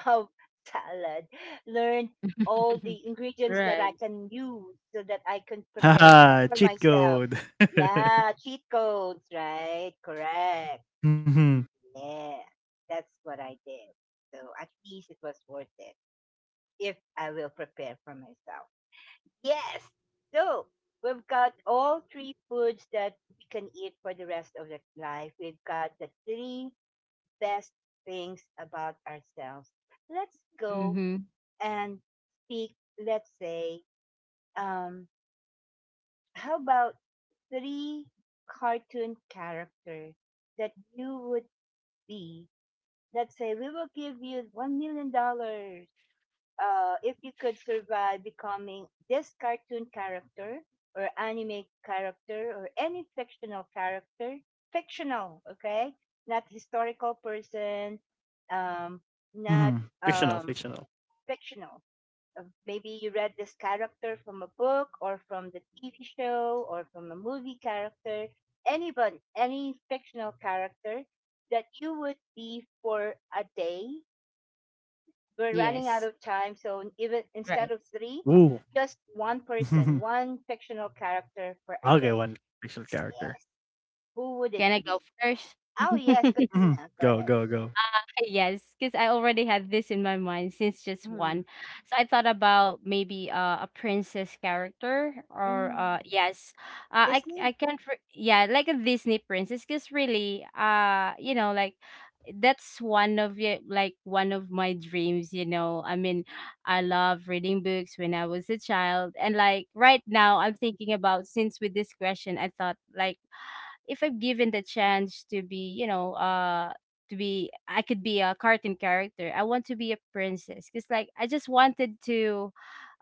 S1: of salad, learned all the ingredients that
S3: Right.
S1: I can use so that I can prepare
S2: Haha,
S1: for
S2: cheat
S1: myself.
S2: code.
S1: Yeah, cheat codes, right? Correct.
S2: Mhm.
S1: Yeah. That's what I did. So at least it was worth it if I will prepare for myself. Yes. So we've got all three foods that we can eat for the rest of the life. We've got the three best things about ourselves. Let's go
S3: Mhm.
S1: and speak. Let's say, um, how about three cartoon characters that you would be? Let's say we will give you $1 million if you could survive becoming this cartoon character or anime character or any fictional character, fictional, okay, not historical person, um, not
S2: Mhm. Fictional,
S1: um,
S2: fictional.
S1: fictional. Maybe you read this character from a book or from the TV show or from a movie character, anybody, any fictional character that you would be for a day. We're running out
S3: Yes.
S1: of time. So even instead
S3: Right.
S1: of three,
S2: Ooh.
S1: just one person,
S2: Mhm.
S1: one fictional character for a
S2: Okay,
S1: day.
S2: one fictional
S1: Yeah.
S2: character.
S1: Who would it
S3: Can I go
S1: be?
S3: first?
S1: Oh yes,
S2: Mhm.
S1: Katrina. Go
S2: Go,
S1: ahead.
S2: go, go.
S3: Yes, because I already had this in my mind since just
S1: Mm.
S3: one. So I thought about maybe a princess character, or
S1: Mm.
S3: yes, I
S1: Disney.
S3: can't yeah, like a Disney princess, because really you know, like that's one of like one of my dreams, you know, I mean, I love reading books when I was a child. And like right now I'm thinking about, since with this question, I thought like if I'm given the chance to be, you know, to be, I could be a cartoon character. I want to be a princess, cuz like I just wanted to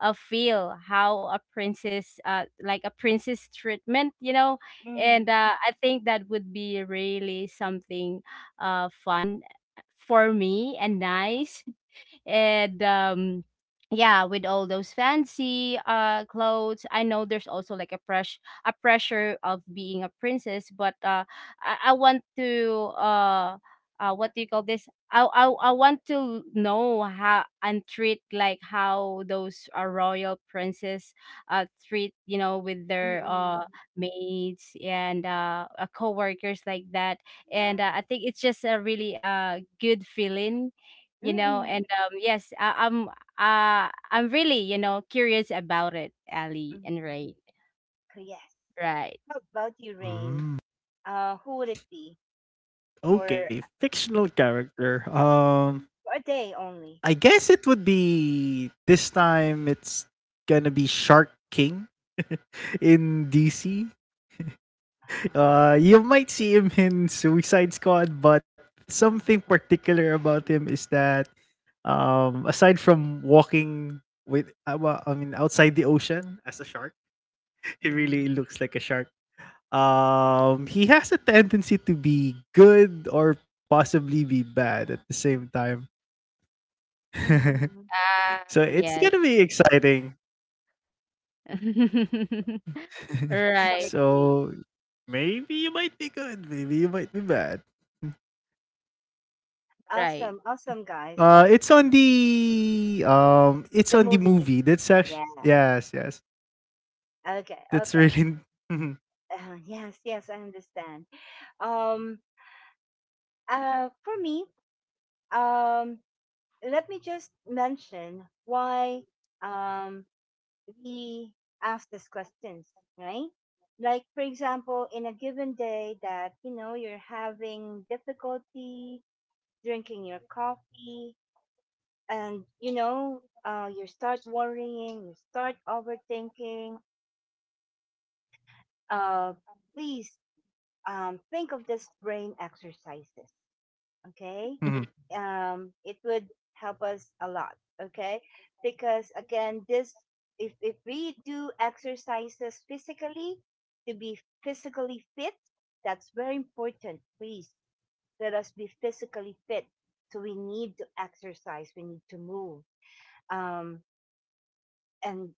S3: feel how a princess, like a princess treatment, you know. And
S1: Mm.
S3: I think that would be really something fun for me, and nice. And yeah, with all those fancy clothes, I know there's also like a pressure of being a princess, but I want to what do you call this, I want to know how and treat, like how those royal princes treat, you know, with their
S1: Mm-mm.
S3: maids and co-workers like that. And
S1: Yeah.
S3: I think it's just a really good feeling, you know.
S1: Mm-mm.
S3: And yes, I'm. I'm really, you know, curious about it, Ali
S1: Mm-mm.
S3: and Ray.
S1: So yes.
S3: Right.
S1: How about you, Rain?
S2: Mm.
S1: Who would it be for,
S2: Okay, fictional character.
S1: for a day only?
S2: I guess it would be this time. It's gonna be Shark King in DC.
S1: Uh,
S2: You might see him in Suicide Squad, but something
S1: uh,
S2: particular about him is that aside from walking with, well, I mean, outside the ocean as a shark, he
S1: mm,
S2: really looks like a shark. He has a tendency to be good or possibly be bad at the same time.
S1: mm, mm.
S3: Ah,
S2: So it's
S3: yes.
S2: gonna be exciting.
S1: The Shark
S3: Right.
S1: King.
S2: So maybe you might be good, maybe you might be bad.
S3: Right.
S1: Awesome, awesome guys,
S2: Uh, it's on
S1: awesome.
S2: the um, it's
S1: The
S2: on the
S1: movie.
S2: movie. That's actually
S1: Yes.
S2: yes, yes.
S1: Okay.
S2: That's
S1: Okay.
S2: really mhm,
S1: Yes. Yes. I understand. Um. For me. Um. Let me just mention why. Um. We ask these questions, right? Like, for example, in a given day that you know you're having difficulty drinking your coffee, and you know, you start worrying, you start overthinking. Uh, Please think of this brain exercises. Okay,
S3: Mhm.
S2: mhm.
S1: it would help us a lot. Okay, because again, this if we do exercises physically to be physically fit, that's very important. Please let us be physically fit. So we need to exercise. We need to move. Um, and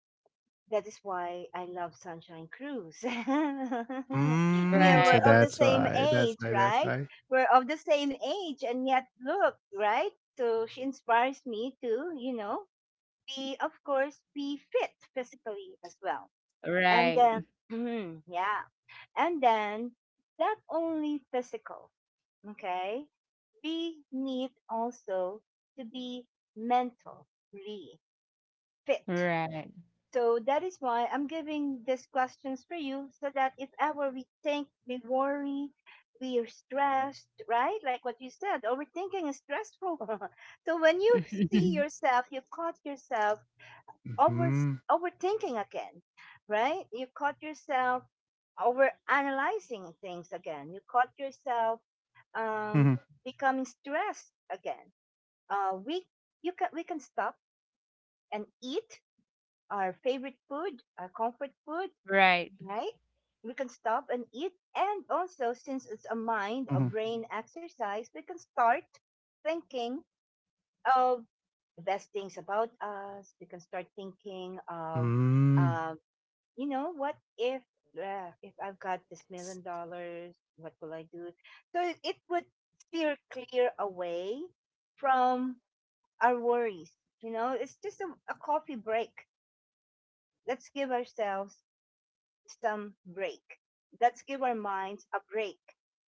S1: that is why I love Sunshine Cruise. yeah,
S2: Mm.
S1: we're
S2: So
S3: Right.
S1: of the
S2: that's
S1: same
S2: why.
S1: age,
S2: That's why. That's
S1: right?
S2: why.
S1: We're of the same age, and yet look, right? So she inspires me to, you know, be, of course, be fit physically as well. And
S3: Right.
S1: then, yeah, and then not only physical, okay? We need also to be mentally fit.
S3: Right.
S1: So that is why I'm giving these questions for you so that if ever we think, we worry, we are stressed, right? Like what you said, overthinking is stressful. so when you see yourself, you caught yourself over
S2: Mm-hmm.
S1: overthinking again, right? You caught yourself over analyzing things again. You caught yourself um,
S2: Mm-hmm.
S1: becoming stressed again. We You can, we can stop and eat our favorite food, our comfort food,
S3: Right.
S1: right? We can stop and eat. And also, since it's a mind or
S2: Mm-hmm.
S1: brain exercise, we can start thinking of the best things about us. We can start thinking of,
S2: Mm.
S1: uh, you know, what if I've got this
S3: S-
S1: million dollars, what will I do? So it would steer clear away from our worries. You know, it's just a coffee break. Let's give ourselves some break. Let's give our minds a break
S3: Right.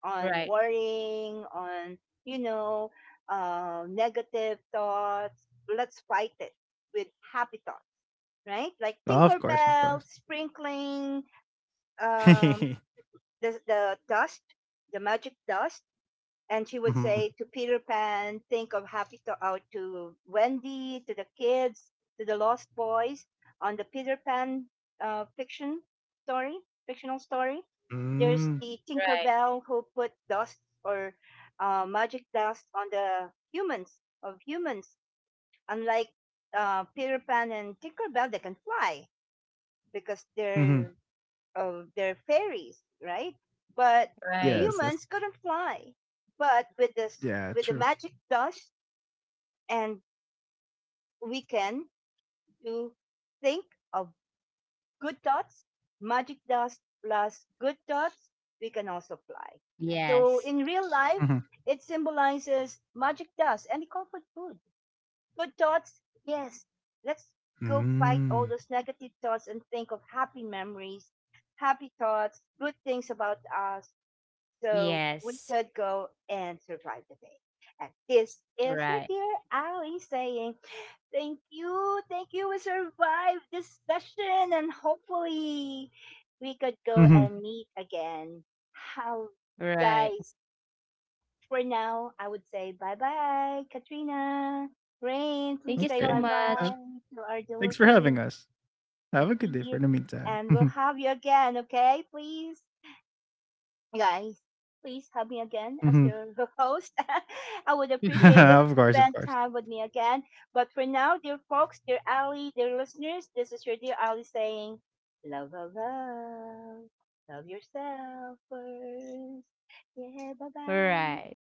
S1: on worrying, on, you know, negative thoughts. Let's fight it with happy thoughts, right? Like
S2: Of course, of
S1: Tinkerbell,
S2: course.
S1: sprinkling, um,
S2: Mm-hmm.
S1: the dust, the magic dust, and she would
S2: Mm.
S1: say to Peter Pan, think of Happy Star out to Wendy, to the kids, to the Lost Boys on the Peter Pan uh, fiction story, fictional story. There's
S2: Hmm.
S1: the
S3: Right.
S1: Tinkerbell who put dust or magic dust on the humans of humans. Unlike Peter Pan and Tinkerbell, they can fly because
S2: mm hmm
S1: they're of their fairies, right? But
S3: Right.
S2: Yes,
S1: humans
S2: that's
S1: couldn't fly. But with this,
S2: yeah,
S1: with
S2: true.
S1: the magic dust, and we can do think of good thoughts, magic dust plus good thoughts, we can also fly.
S3: Yes.
S1: So in real life,
S2: Mm-hmm.
S1: it symbolizes magic dust and the comfort food. Good thoughts, yes. Let's go fight all
S2: Mm.
S1: those negative thoughts and think of happy memories, happy thoughts, good things about us, so we
S3: Yes.
S1: could go and survive the day. And this is
S3: Right.
S1: your dear Ali saying, thank you, thank you, we survived this session, and hopefully we could go
S2: Mm-hmm.
S1: and meet again. How,
S3: Right.
S1: guys, for now, I would say bye bye, Katrina. Rain,
S3: Thank you
S1: please
S3: so
S1: say
S2: Okay.
S1: bye
S3: much.
S2: Uh,
S1: bye to our dear
S2: thanks for
S1: listeners.
S2: having us. Have a good day for
S1: Indeed.
S2: the meantime.
S1: And we'll have you again, okay? Please guys, please have me again as
S2: Mm-hmm.
S1: your host. I would appreciate it
S2: Of
S1: to
S2: course, of
S1: spend
S2: course.
S1: time with me again. But for now, dear folks, dear Ali, dear listeners, this is your dear Ali saying, love, love, love, love yourself first. Yeah, bye bye.
S3: Right.